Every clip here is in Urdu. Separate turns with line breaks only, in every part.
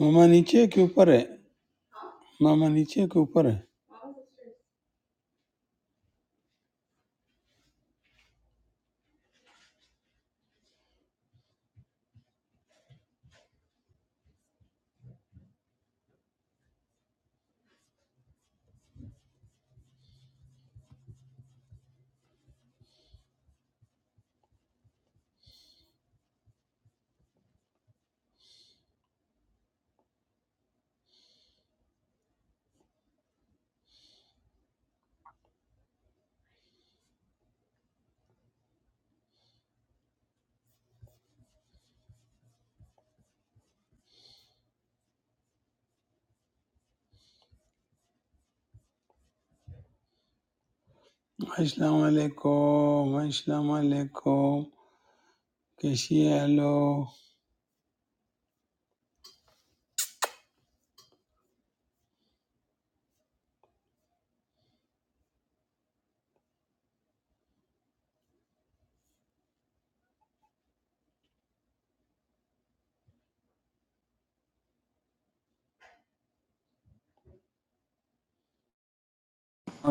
ماما نیچے کے اوپر ہے ماما نیچے کے اوپر ہے السلام علیکم السلام علیکم کیسی ہے ہلو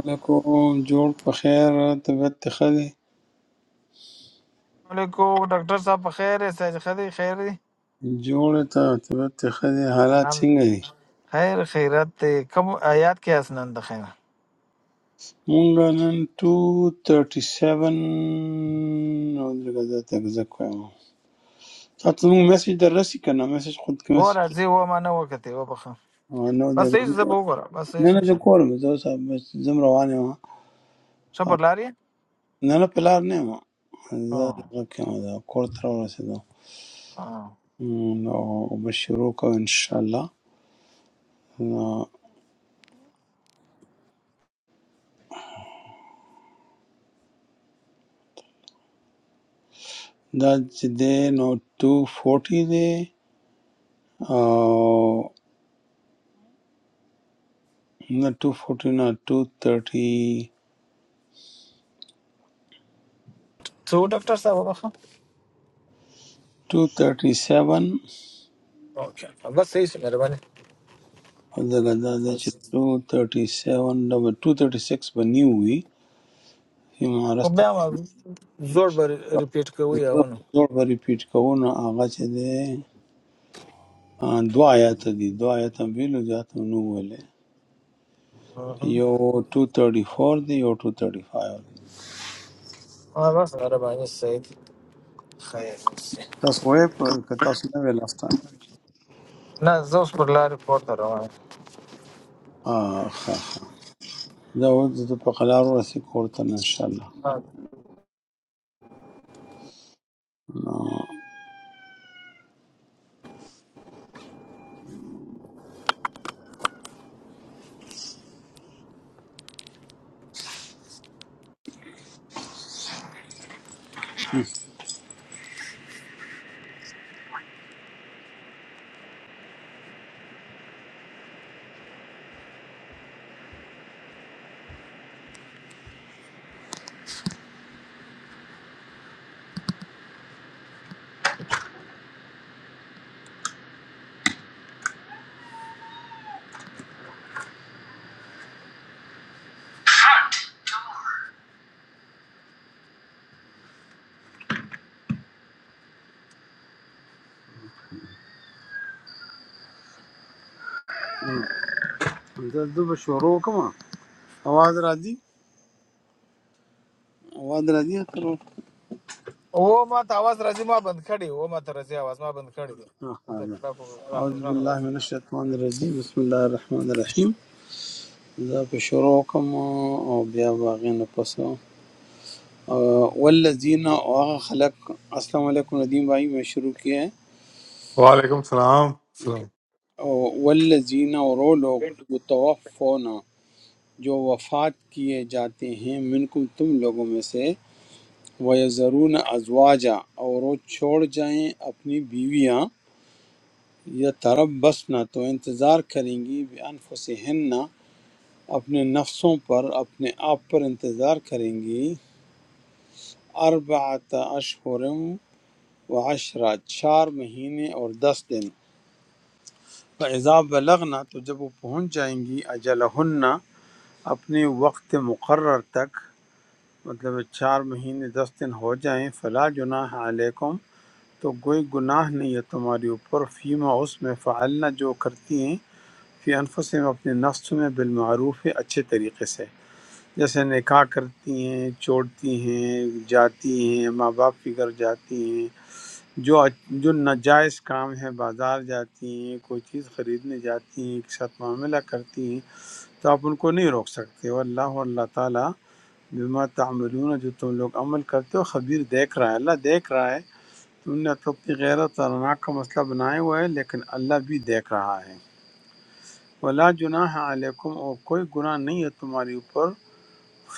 علیکم جوڑ بخیر طبیعت خدے
Hello, doctor sir, how are you? I am fine.
جوڑ تا طبیعت خدے حالات سنگ ہے
How are you? Fine, fine. How are you? Fine.
مونگا نن 237 نو دغه ذات زکو تاسو موږ میسج دررسي کنه میسج خود کې
What
message
is your name? I am Ajit. I
نو
am
دغه نه نه د
Ajit.
کور مې زه اوس زم روان یم
How are you? I am fine. What is
نه نه پلار نه یم زه دغه کې یم، دا کور ته راورسېدم م، نو به شروع کوو انشاءالله نو دا چې دی نو ټو فورټي دی او نه ټو فورټي نه two thirty
your profession?
Two thirty seven او دغه دا دی چې two thirty seven double two thirty six به نیو وي چې مهارسته زوړ به ریپیټ کوو نو هغه چې دی آ، دوه آیاته دي دوه آیاته هم ویلو زیاته هم نه ویلې یو 234 دی یو 235 دی تاسو وې په تاسو نه ویل افته
I am
اه ښه ښه دا و د په قلار ورسې کور ته ان شاء الله
a doctor.
نو دا د به شروع کوم اواز راځي اواز راځي تر
वो मत आवाज़ ઓ માં તો આવાજ રજીમાં બંધ ખડી ઓ માં તો રજી આવાજમાં બંધ
ها ها اعوذ
रख
بالله
અંદર
من الشیطان الرجیم بسم الله الرحمن الرحیم دا په شروع کوم او بیا باغې نه پسو والذین او هغه خلق السلام علیکم ندیم بھائی میں شروع کیا ہے
وعلیکم السلام السلام
والذین اور وہ لوگ یتوفون جو وفات کیے جاتے ہیں منکم تم لوگوں میں سے ویزرون ازواجا اور وہ چھوڑ جائیں اپنی بیویاں یا تربصن تو انتظار کریں گی بانفسہن اپنے نفسوں پر اپنے آپ پر انتظار کریں گی اربعت اشہرم و عشرہ چار مہینے اور دس دن فَإِذَا بَلَغْنَا تو جب وہ پہنچ جائیں گی اجلہن اپنے وقت مقرر تک مطلب چار مہینے دس دن ہو جائیں فلا جناح علیکم تو کوئی گناہ نہیں ہے تمہارے اوپر فیما اس میں فعلنا جو کرتی ہیں فی انفس میں اپنے نفس میں بالمعروف ہے اچھے طریقے سے جیسے نکاح کرتی ہیں چھوڑتی ہیں جاتی ہیں ماں باپ کی گھر جاتی ہیں جو جو ناجائز کام ہے بازار جاتی ہیں کوئی چیز خریدنے جاتی ہیں ایک ساتھ معاملہ کرتی ہیں تو آپ ان کو نہیں روک سکتے واللہ اللہ اللہ تعالیٰ بما تعملون جو تم لوگ عمل کرتے ہو خبیر دیکھ رہا ہے اللہ دیکھ رہا ہے تم نے تو اپنی غیرت اور ناک کا مسئلہ بنایا ہوا ہے لیکن اللہ بھی دیکھ رہا ہے ولا جناح علیکم اور کوئی گناہ نہیں ہے تمہاری اوپر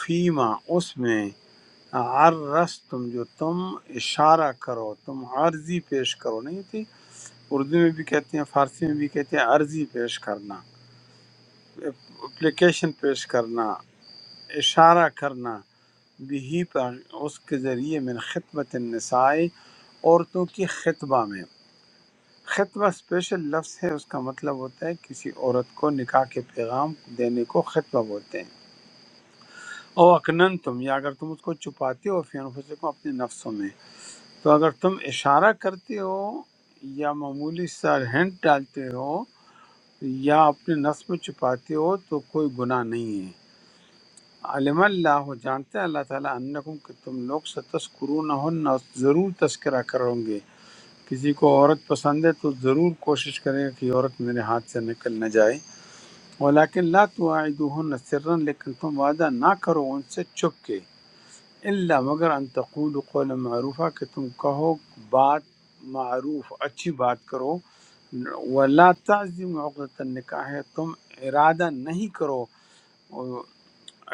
فیما اس میں عرس تم جو تم اشارہ کرو تم عرضی پیش کرو نہیں تھی اردو میں بھی کہتے ہیں فارسی میں بھی کہتے ہیں عرضی پیش کرنا اپلیکیشن پیش کرنا اشارہ کرنا بِہِ پر اس کے ذریعے من خطبۃ النساء عورتوں کی خطبہ میں خطبہ اسپیشل لفظ ہے اس کا مطلب ہوتا ہے کسی عورت کو نکاح کے پیغام دینے کو خطبہ بولتے ہیں او اکنن تم یا اگر تم اس کو چھپاتے ہو فی انفسکم اپنے نفسوں میں تو اگر تم اشارہ کرتے ہو یا معمولی سا ہینڈ ڈالتے ہو یا اپنے نفس میں چھپاتے ہو تو کوئی گناہ نہیں ہے۔ علم اللہ جانتا ہے اللہ تعالیٰ انکم کہ تم لوگ ستذکرون ہن ضرور تذکرہ کرو گے کسی کو عورت پسند ہے تو ضرور کوشش کرے گا کہ عورت میرے ہاتھ سے نکل نہ جائے ولیکن لا تواعدوہن سرا لیکن تم وعدہ نہ کرو ان سے چھپ کے الا مگر ان تقول قول معروفہ کہ تم کہو بات معروف اچھی بات کرو ولا تعظم عقدۃ النکاح تم ارادہ نہیں کرو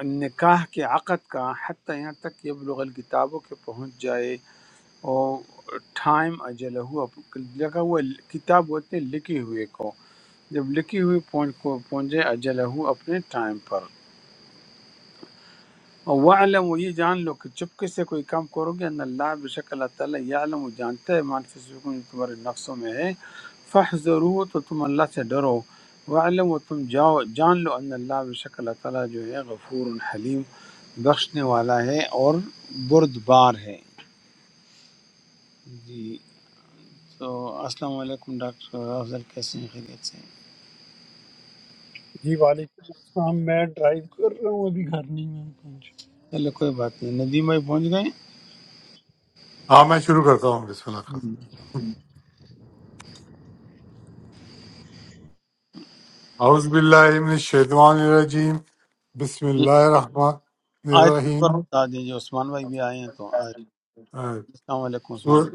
نکاح کے عقد کا حتیٰ یہاں تک کہ بلغ الکتابوں کے پہنچ جائے اور ٹائم اجلہ ہوا لگا ہوا کتاب ہوتے ہیں لکھی ہوئے کو جب لکھی ہوئی پہنچ کو پہنچ جائے اجلہ ہو اپنے ٹائم پر اور وعلم وہ یہ جان لو کہ چپکے سے کوئی کام کرو گے ان اللہ بے شک اللہ تعالیٰ یعلم وہ جانتا ہے مان فسکم تمہارے نفسوں میں ہے فحذروا تو تم اللہ سے ڈرو وعلم و تم جاؤ جان لو ان اللہ بے شک اللہ تعالیٰ جو ہے غفور حلیم بخشنے والا ہے اور بردبار ہے جی تو السلام علیکم ڈاکٹر افضل کیسے ہیں خیریت سے ہیں؟
جی وعلیکم السلام میں ڈرائیو کر رہا ہوں ابھی گھر نہیں میں پہنچ
چلو کوئی بات نہیں ندیم بھائی پہنچ گئے
ہاں میں شروع کرتا ہوں بسم اللہ الرحمن
ہم۔
الرحیم۔ اعوذ باللہ من الشیطان الرجیم بسم اللہ الرحمن
آیت نمبر
الرحیم آہ،
بتا دیجیے عثمان بھائی بھی آئے ہیں تو آیت السلام علیکم
سورہ
عثمان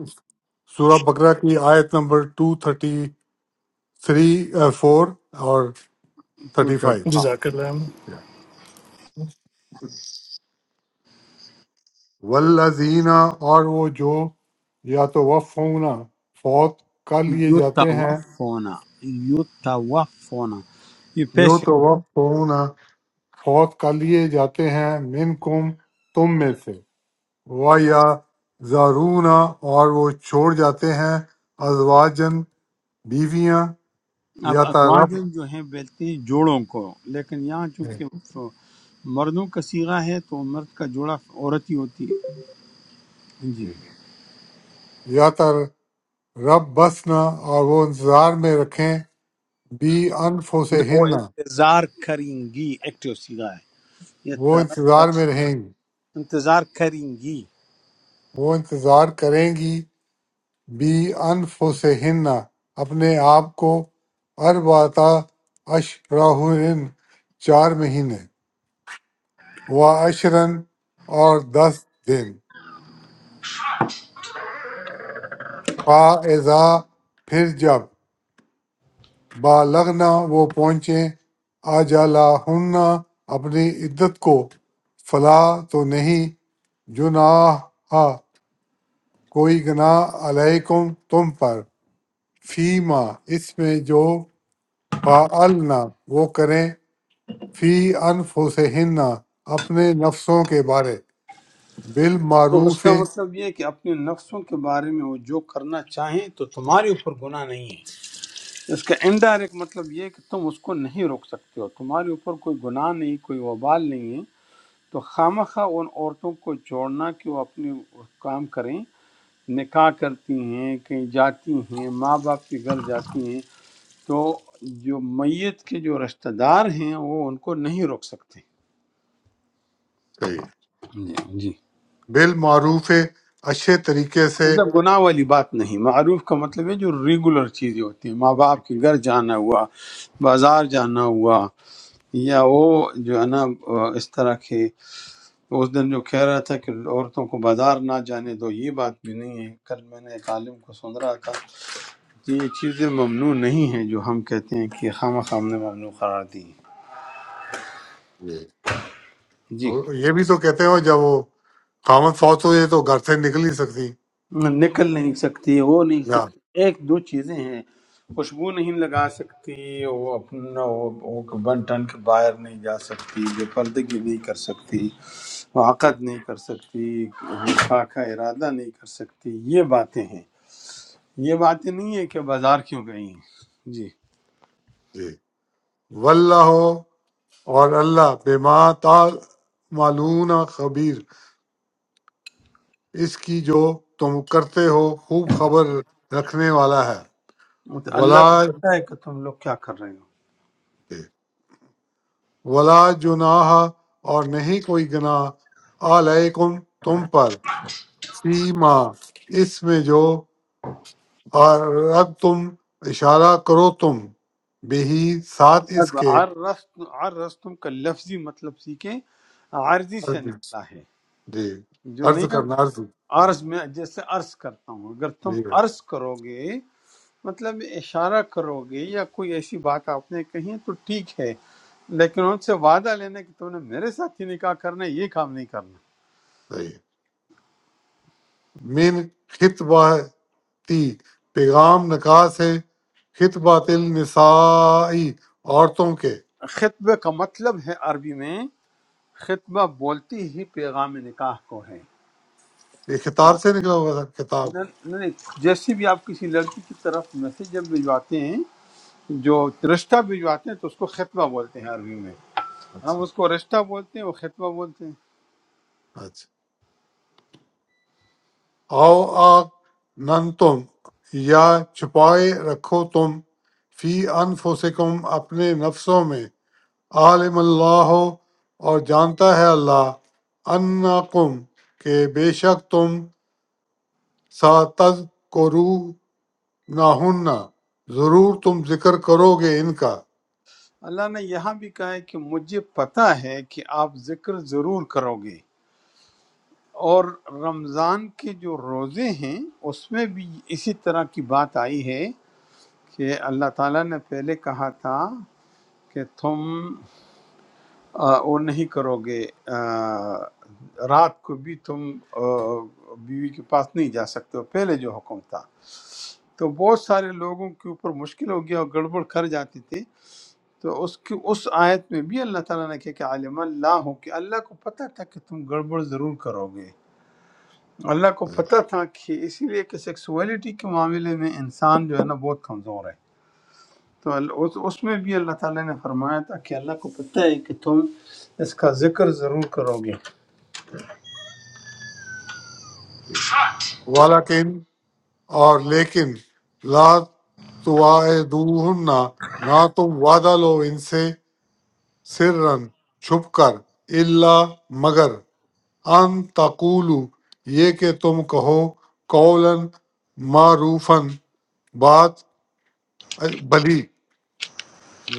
سورہ بقرہ کی آیت نمبر 233 آہ، 4 اور 35
235
جزاک اللہ
والذین اور وہ جو یا تو وفونا فوت کر لیے جاتے ہیں
یتوفونا یتوفونا یہ
یو
پیش ہے۔
تو وفونا فوت کر لیے جاتے ہیں منکم تم میں سے و یا زارون اور وہ چھوڑ جاتے ہیں ازواجن بیویاں
اب
یا ترب
ازواجن جو ہیں بیلتے ہیں جوڑوں کو لیکن یہاں چونکہ ف- مردوں کا سیغہ ہے تو مرد کا جوڑا عورت ہی ہوتی ہے جی
یا تر رب بسنا اور وہ انتظار میں رکھیں بی
نہ،
انفوسے
وہ
ہننا،
انتظار کریں گی ایکٹیو سیغہ ہے یہ
وہ
طرف
انتظار
بس
میں رہیں گی
انتظار کریں گی
وہ انتظار کریں گی بی انفوسے ہننا، اپنے آپ کو ارباتا اشراہن چار مہینے و اشرن اور دس دن فَإِذَا پھر جب بالغنا وہ پہنچیں آجالا اپنی عدت کو فلا تو نہیں جناح کوئی گناہ علیکم تم پر فیما اس میں جو فعلنا وہ کریں فی انفسہن اپنے نفسوں کے بارے
تو اس
بالمعروف
کا مطلب یہ ہے کہ اپنے نفسوں کے بارے میں وہ جو کرنا چاہیں تو تمہارے اوپر گناہ نہیں ہے اس کا انڈائریکٹ مطلب یہ ہے کہ تم اس کو نہیں روک سکتے ہو تمہارے اوپر کوئی گناہ نہیں کوئی وبال نہیں ہے تو خامخواہ ان عورتوں کو چھوڑنا کہ وہ اپنے کام کریں نکاح کرتی ہیں کہیں جاتی ہیں ماں باپ کے گھر جاتی ہیں تو جو میت کے جو رشتہ دار ہیں وہ ان کو نہیں روک سکتے
صحیح
جی جی
بالمعروف اچھے طریقے
مطلب گناہ والی بات نہیں معروف کا مطلب ہے جو ریگولر چیزیں ہوتی ہیں ماں باپ
سے
کے گھر جانا ہوا بازار جانا ہوا یا وہ جو ہے نا اس طرح کے اس دن جو کہہ رہا تھا کہ عورتوں کو بازار نہ جانے دو یہ بات بھی نہیں ہے کل میں نے ایک عالم کو سن رہا تھا کہ یہ چیزیں ممنوع نہیں ہیں جو ہم کہتے ہیں کہ خام خام نے ممنوع قرار دی ہیں۔ جی
اور یہ بھی تو کہتے ہو جب وہ قامت فوت ہو جائے تو گھر سے نکل نہیں سکتی
نکل نہیں سکتی وہ نہیں
یا
سکتی ایک دو چیزیں ہیں خوشبو نہیں لگا سکتی وہ اپنا وہ وہ ون ٹن کے باہر نہیں جا سکتی بے پردگی نہیں کر سکتی وہ
جی
عقد نہیں کر سکتی نکاح کا ارادہ نہیں کر سکتی یہ باتیں ہیں یہ باتیں نہیں ہے کہ بازار کیوں گئی ہیں جی
جی واللہ اور اللہ بما معلوم خبیر اس کی جو تم کرتے ہو خوب خبر رکھنے والا ہے
اللہ
ولا
کو پتہ
جی۔
ہے کہ تم لوگ کیا کر رہے ہو
ولا جناح اور نہیں کوئی گناہ علیکم تم پر سیما اس میں جو اور اب تم اشارہ کرو تم بہی ساتھ اس
اب
کے
عرس عرس تم کا لفظی مطلب سیکھیں عارضی سے
جی
نکلا ہے
جی
جو
عرض
نہیں ہے
کرنا عرض ہاں
عرض میں جیسے عرض کرتا ہوں اگر تم
صحیح ہے
عرض کرو گے مطلب اشارہ کرو گے یا کوئی ایسی بات آپ نے کہی ہے تو ٹھیک ہے لیکن ان سے وعدہ لینا کہ تم نے میرے ساتھ ہی نکاح کرنا ہے یہ کام نہیں کرنا۔
صحیح ہے۔ من خطباتی پیغام نکاس ہے خطبات النسائی عورتوں کے
خطبہ کا مطلب ہے عربی میں خطبہ بولتی ہی پیغام نکاح کو ہے
یہ خطاب
نہ-
سے نکلا ہوا تھا خطاب
نہ- نہیں، جیسے بھی آپ کسی لڑکی کی طرف میسج جب بھجواتے ہیں جو رشتہ بھجواتے ہیں تو اس کو خطبہ بولتے ہیں عربی میں ہم
اچھا
اس کو رشتہ بولتے ہیں وہ خطبہ بولتے ہیں
اچھا او آ نن تم یا چھپائے رکھو تم فی انفسکم اپنے نفسوں میں عالم اللہ اور جانتا ہے اللہ انکم کہ بے شک تم ساتز کو رو نہ ہننا ضرور تم ذکر کرو گے ان کا
اللہ نے یہاں بھی کہا ہے کہ مجھے پتہ ہے کہ آپ ذکر ضرور کرو گے اور رمضان کے جو روزے ہیں اس میں بھی اسی طرح کی بات آئی ہے کہ اللہ تعالیٰ نے پہلے کہا تھا کہ تم آ، وہ نہیں کرو گے آ، رات کو بھی تم آ، بیوی کے پاس نہیں جا سکتے ہو پہلے جو حکم تھا تو بہت سارے لوگوں کے اوپر مشکل ہو گیا اور گڑبڑ کر جاتی تھی تو اس کی اس آیت میں بھی اللہ تعالیٰ نے کہا کہ عالم اللہ ہو کہ اللہ کو پتہ تھا کہ تم گڑبڑ ضرور کرو گے اللہ کو پتہ تھا کہ اسی لیے کہ سیکسولیٹی کے معاملے میں انسان جو ہے نا بہت کمزور ہے تو ال- اس اس میں بھی اللہ تعالیٰ نے فرمایا تھا کہ اللہ کو پتہ ہے کہ تم اس کا ذکر ضرور کرو گے
والاکن اور لیکن لا تواعدوہنہ نہ تم وعدہ لو ان سے سرن چھپ کر الا مگر ان تقولو یہ کہ تم کہو قولن معروفن بات بھلی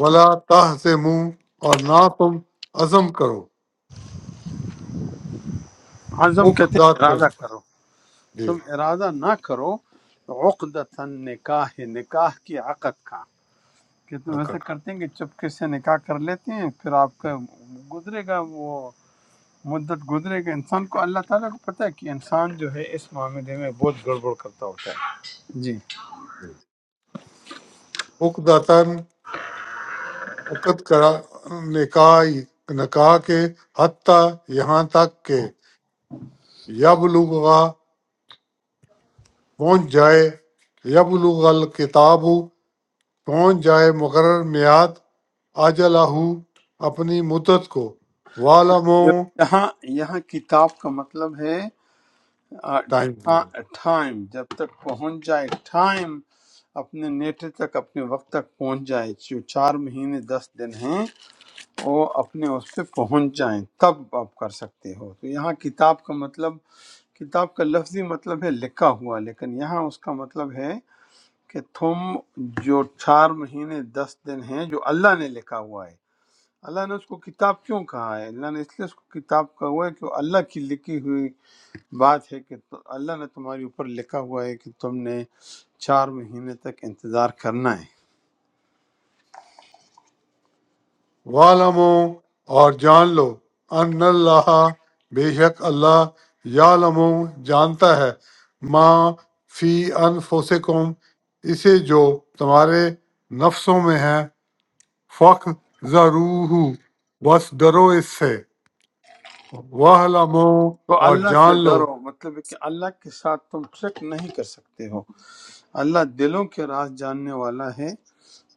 ولا تہزمو اور نہ تم عزم کرو
عزم کہتے ہیں ارادہ
اقدات
کرو
جی
تم ارادہ نہ کرو عقدتاً نکاح نکاح کی عقد کا کہ تم
آقا
ایسا کرتے ہیں کہ چپکے سے نکاح کر لیتے ہیں پھر آپ کا گزرے گا وہ مدت گزرے گا انسان کو اللہ تعالیٰ کو پتہ ہے کہ انسان جو ہے اس معاملے میں بہت گڑبڑ کرتا ہوتا ہے جی
جی۔ حکداتن عقد کرا نکاح نکاح کے حتیٰ یہاں تک کہ یبلغا پہنچ جائے یبلغ الکتاب پہنچ جائے مقرر میعاد اجلہ اپنی مدت کو والمو
یہاں یہاں کتاب کا مطلب ہے
ٹائم پورا۔
ٹائم جب تک پہنچ جائے ٹائم اپنے نیٹے تک اپنے وقت تک پہنچ جائے جو چار مہینے دس دن ہیں وہ اپنے اس پہ پہنچ جائیں تب آپ کر سکتے ہو تو یہاں کتاب کا مطلب کتاب کا لفظی مطلب ہے لکھا ہوا لیکن یہاں اس کا مطلب ہے کہ تم جو چار مہینے دس دن ہیں جو اللہ نے لکھا ہوا ہے اللہ نے اس کو کتاب کیوں کہا ہے اللہ نے اس لیے اس کو کتاب کہا ہوا ہے کہ وہ اللہ کی لکھی ہوئی بات ہے کہ تو- اللہ نے تمہارے اوپر لکھا ہوا ہے کہ تم نے چار مہینے تک انتظار کرنا ہے
وَاعْلَمُوا اور جان لو ان اللہ بے شک اللہ یعلم جانتا ہے ما فی انفسکم اسے جو تمہارے نفسوں میں ہے فخ ضرور بس ڈرو اس سے وَاعْلَمُوا
تو
اور
اللہ سے
جان لو
ڈرو مطلب ہے کہ اللہ کے ساتھ تم ٹرک نہیں کر سکتے ہو اللہ دلوں کے راز جاننے والا ہے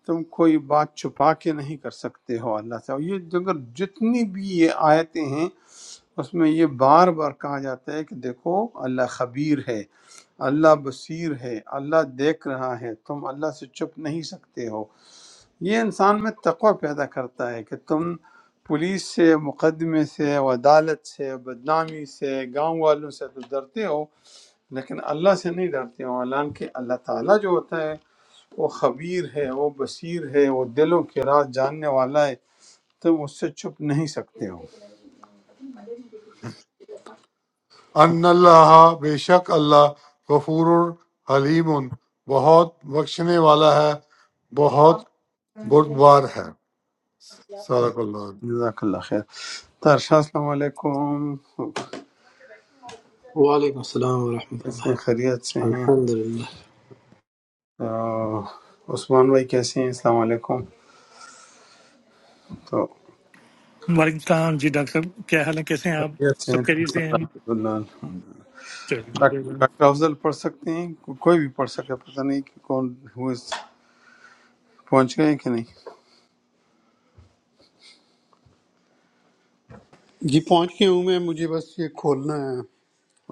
تم کوئی بات چھپا کے نہیں کر سکتے ہو اللہ سے اور یہ اگر جتنی بھی یہ آیتیں ہیں اس میں یہ بار بار کہا جاتا ہے کہ دیکھو اللہ خبیر ہے اللہ بصیر ہے اللہ دیکھ رہا ہے تم اللہ سے چھپ نہیں سکتے ہو یہ انسان میں تقوی پیدا کرتا ہے کہ تم پولیس سے مقدمے سے و عدالت سے بدنامی سے گاؤں والوں سے تو ڈرتے ہو لیکن اللہ سے نہیں ڈرتے ہو حالانکہ اللہ تعالیٰ جو ہوتا ہے وہ خبیر ہے وہ بصیر ہے وہ دلوں کے راز جاننے والا ہے تم اس سے چھپ نہیں سکتے ہو
ان اللہ بے شک اللہ غفور حلیم بہت بخشنے والا ہے بہت بردبار ہے صدق اللہ
جزاک اللہ خیر تارشاہ السلام علیکم
وعلیکم السلام ورحمۃ اللہ
کیسے ہیں؟ خیریت سے ہیں
الحمد للہ
آہ، عثمان بھائی کیسے ہیں السلام علیکم تو
وعلیکم السلام جی ڈاکٹر صاحب کیا حال ہے کیسے ہیں آپ
خیریت سے ہیں
سب خیریت سے ہیں
الحمدللہ
چلیے الحمد
ڈاک-
للہ
ڈاکٹر افضل پڑھ سکتے ہیں کو- کوئی بھی پڑھ سکتا ہے پتہ نہیں کہ کون ہو اس- پہنچ گئے ہیں کہ نہیں
جی پہنچ کے ہوں میں مجھے بس یہ کھولنا ہے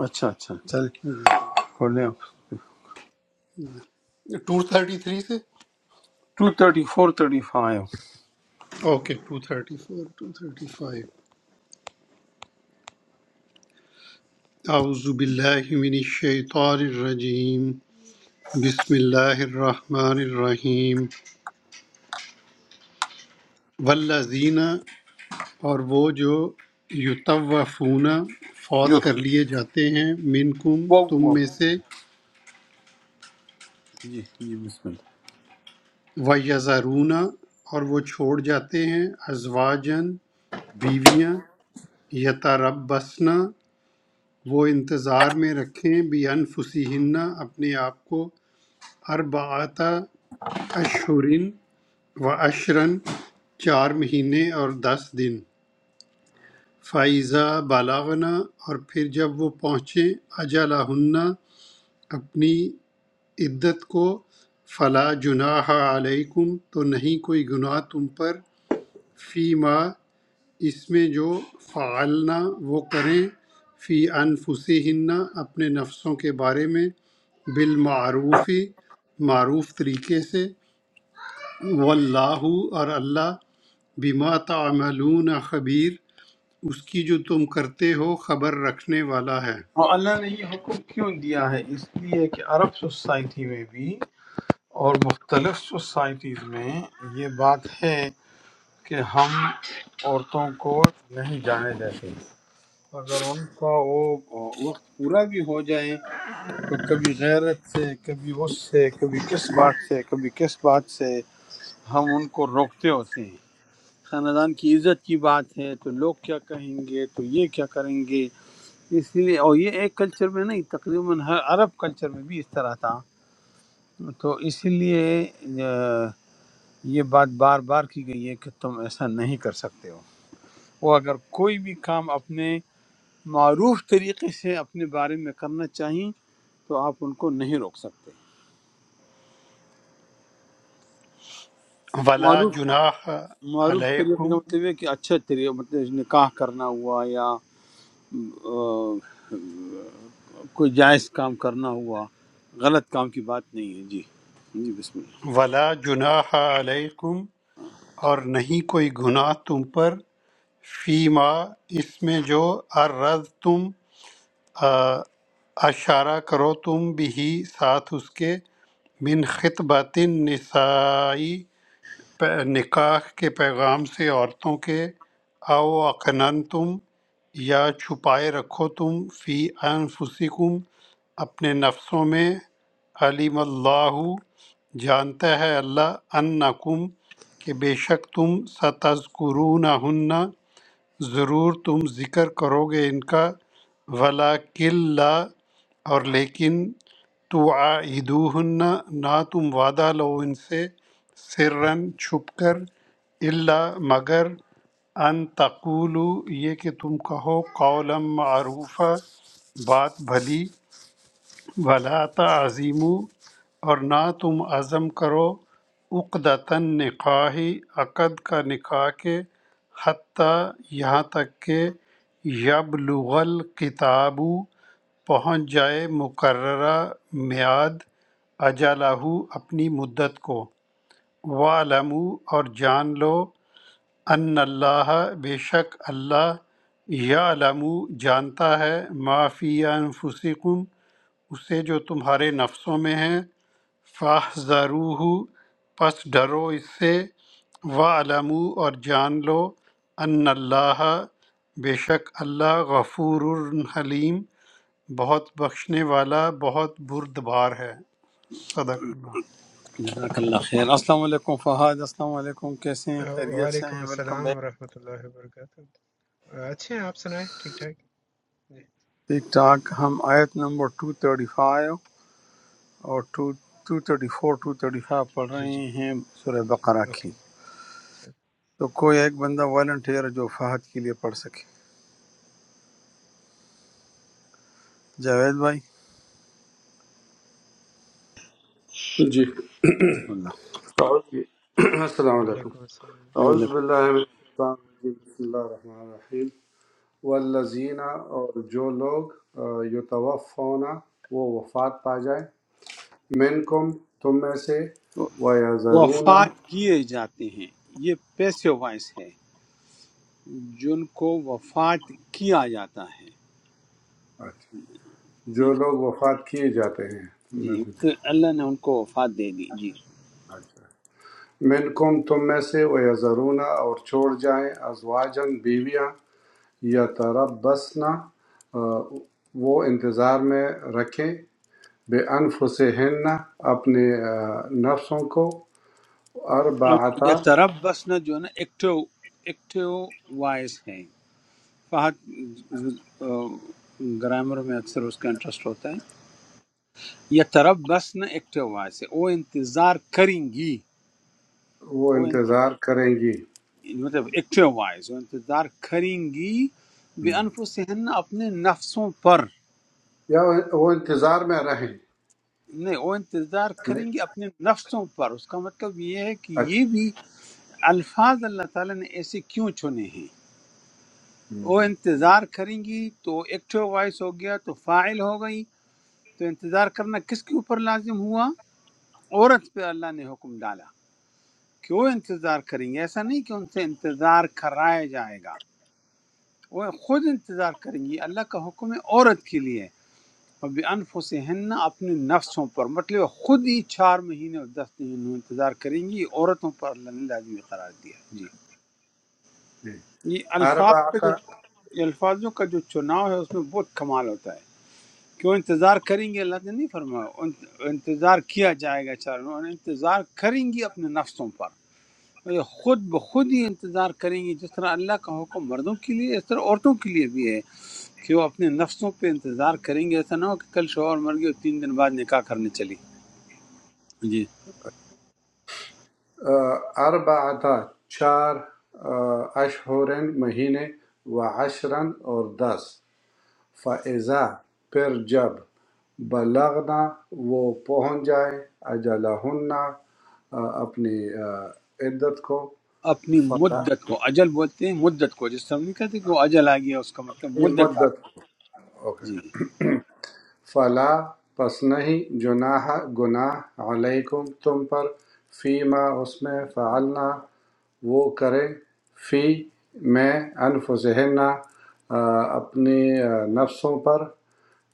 اچھا اچھا چل کھولیں
ٹو تھرٹی تھری سے
two thirty four thirty five
okay two thirty four two thirty five اعوذ باللہ من الشیطان الرجیم بسم اللہ الرحمن الرحیم والذین اور وہ جو یتوفون فوت
جی
کر لیے جاتے ہیں منکم تم میں سے
جی بسم اللہ
ویزارون اور وہ چھوڑ جاتے ہیں ازواجن بیویاں یتربصن وہ انتظار میں رکھیں بھی انفسہن اپنے آپ کو اربعۃ اشہرن و اشرن چار مہینے اور دس دن فائزہ بالاغنا اور پھر جب وہ پہنچیں اجلہن اپنی عدت کو فلا جناح علیکم تو نہیں کوئی گناہ تم پر فیما اس میں جو فعلنا وہ کریں فی انفسہن اپنے نفسوں کے بارے میں بالمعروفی معروف طریقے سے واللہ اور اللہ بما تعملون خبیر اس کی جو تم کرتے ہو خبر رکھنے والا ہے
اور اللہ نے یہ حکم کیوں دیا ہے اس لیے کہ عرب سوسائٹی میں بھی اور مختلف سوسائٹیز میں یہ بات ہے کہ ہم عورتوں کو نہیں جانے دیتے اگر ان کا وہ وقت پورا بھی ہو جائے تو کبھی غیرت سے کبھی اس سے کبھی کس بات سے کبھی کس بات سے ہم ان کو روکتے ہوتے ہیں خاندان کی عزت کی بات ہے تو لوگ کیا کہیں گے تو یہ کیا کریں گے اس لیے اور یہ ایک کلچر میں نہیں تقریباً ہر عرب کلچر میں بھی اس طرح تھا تو اس لیے اہ، یہ بات بار بار کی گئی ہے کہ تم ایسا نہیں کر سکتے ہو وہ اگر کوئی بھی کام اپنے معروف طریقے سے اپنے بارے میں کرنا چاہیں تو آپ ان کو نہیں روک سکتے
ولا
معروف
جناح
معروف طریقے کا
علیکم
مطلب یہ ہے کہ اچھے طریقے مطلب نکاح کرنا ہوا یا آ، کوئی جائز کام کرنا ہوا غلط کام کی بات نہیں ہے جی جی بسم اللہ
ولا جناح علیکم اور نہیں کوئی گناہ تم پر فیما اس میں جو عرض تم آ، اشارہ کرو تم بھی ساتھ اس کے من خطبت النسائی پہ- نکاح کے پیغام سے عورتوں کے او اقنن تم یا چھپائے رکھو تم فی انفسکم اپنے نفسوں میں علیم اللہ جانتا ہے اللہ انکم کہ بے شک تم ستذکرونہن ضرور تم ذکر کرو گے ان کا ولاکن لا اور لیکن توعدوہن نہ تم وعدہ لو ان سے سرن چھپ کر الا مگر ان تقولو یہ کہ تم کہو قولا معروفہ بات بھلی ولا تعظیم اور نہ تم عزم کرو عقدتاً نکاحی عقد کا نکاح کے حتیٰ یہاں تک کہ یبلغ الکتاب پہنچ جائے مقررہ میعاد اجالہ اپنی مدت کو وَاعْلَمُوا اور جان لو ان اللہ بے شک اللہ یعلم جانتا ہے ما فی انفسکم اسے جو تمہارے نفسوں میں ہے فاحذروہ پس ڈرو اس سے وعلم اور جان لو ان اللہ بے شک اللہ غفور حلیم بہت بخشنے والا بہت بردبار ہے صدق اللہ
جزاک اللہ خیر السلام علیکم فہد السلام علیکم کیسے ہیں خیریت سے
waalaikum
ہیں welcome
assalam
back
warahmatullahi wabarakatuh. अच्छे हैं आप सुनाएँ ठीक ठाक?
ٹھیک ٹھاک ہم آیت نمبر 235 اور 2 234 235 پڑھ
जी जी.
رہے ہیں سورہ بقرہ کی
Okay.
تو کوئی ایک بندہ والنٹیئر جو فہد کے لیے پڑھ سکے جاوید بھائی
جی
بسم اللہ
اعوذ بال- السلام علیکم
waalaikum assalam.
اعوذ
وعلیکم
باللہ من الشیطان الرجیم بسم اللہ الرحمن الرحیم والذین اور جو لوگ آ، یتوفون وہ وفات پا جائیں منکم تم میں سے ویذرون
وفات کیے جاتے ہیں یہ پیسو وائس ہے جن کو وفات کیا جاتا ہے
اچھا، جو
ٹھیک
لوگ وفات کیے جاتے ہیں
ہے؟
تم میں
جی
سے
تو
جو-
اللہ نے ان کو وفات دے دی جی
اچھا۔ منکم تم میں سے ویذرون اور چھوڑ جائیں ازواجن بیویاں یا تربسنا وہ انتظار میں رکھیں بے انفسہن اپنے آ، نفسوں کو
اب
اربعتا
یہ طرف بس نہ جو ہے نا ایکٹو ایکٹو وائس ہے فہد گرامر میں اکثر اس کا انٹرسٹ ہوتا ہے یہ طرف بس نہ ایکٹو وائس ہے وہ انتظار کریں گی
وہ
وہ انت-
انتظار کریں گی
مطلب ایکٹو وائس وہ انتظار کریں گی بے
ہم،
انفسہن اپنے نفسوں پر
یا وہ انتظار میں رہیں
نہیں وہ انتظار کریں گے اپنے نفسوں پر اس کا مطلب یہ ہے کہ
اچھا
یہ بھی الفاظ اللہ تعالیٰ نے ایسے کیوں چنے ہیں وہ
ہم،
انتظار کریں گی تو ایکٹیو وائس ہو گیا تو فاعل ہو گئی تو انتظار کرنا کس کے اوپر لازم ہوا عورت پہ اللہ نے حکم ڈالا کہ وہ انتظار کریں گے ایسا نہیں کہ ان سے انتظار کرایا جائے گا وہ خود انتظار کریں گی اللہ کا حکم ہے عورت کے لیے بِأَنفُسِهِنَّ اپنے نفسوں پر مطلب خود ہی چار مہینے اور دس دن انہوں انتظار کریں گی یہ عورتوں پر اللہ نے لازمی قرار دیا ہے۔ جی یہ الفاظ کا
اربعتا
جو یہ الفاظوں کا جو چناؤ ہے اس میں بہت کمال ہوتا ہے کہ وہ انتظار کریں گے اللہ نے نہیں فرمایا ان- انتظار کیا جائے گا چار انہوں نے انتظار کریں گی اپنے نفسوں پر یہ خود بخود ہی انتظار کریں گی جس طرح اللہ کا حکم مردوں کے لیے اس طرح عورتوں کے لیے بھی ہے کہ وہ اپنے نفسوں پہ انتظار کریں گے ایسا نہ ہو کہ کل شوہر مر گیا اور تین دن بعد نکاح کرنے چلی جی
آ، اربعتا چار آ، اشہرن مہینے و عشرن اور دس فَإِذَا پھر جب بلغنا وہ پہنچ جائے اجلہن آ، اپنی آ، عدت کو
اپنی
فلا
مدت کو اجل بولتے ہیں مدت کو جس طرح ہم نہیں کہتے کہ وہ اجل آ گیا اس کا مطلب
یہ
مدت آ
مدت
گئی
اوکے
جی
فلا پس نہیں جناح گناہ علیکم تم پر فی ما اس میں فعلنا وہ کریں فی میں انفسہن اپنی آ، نفسوں پر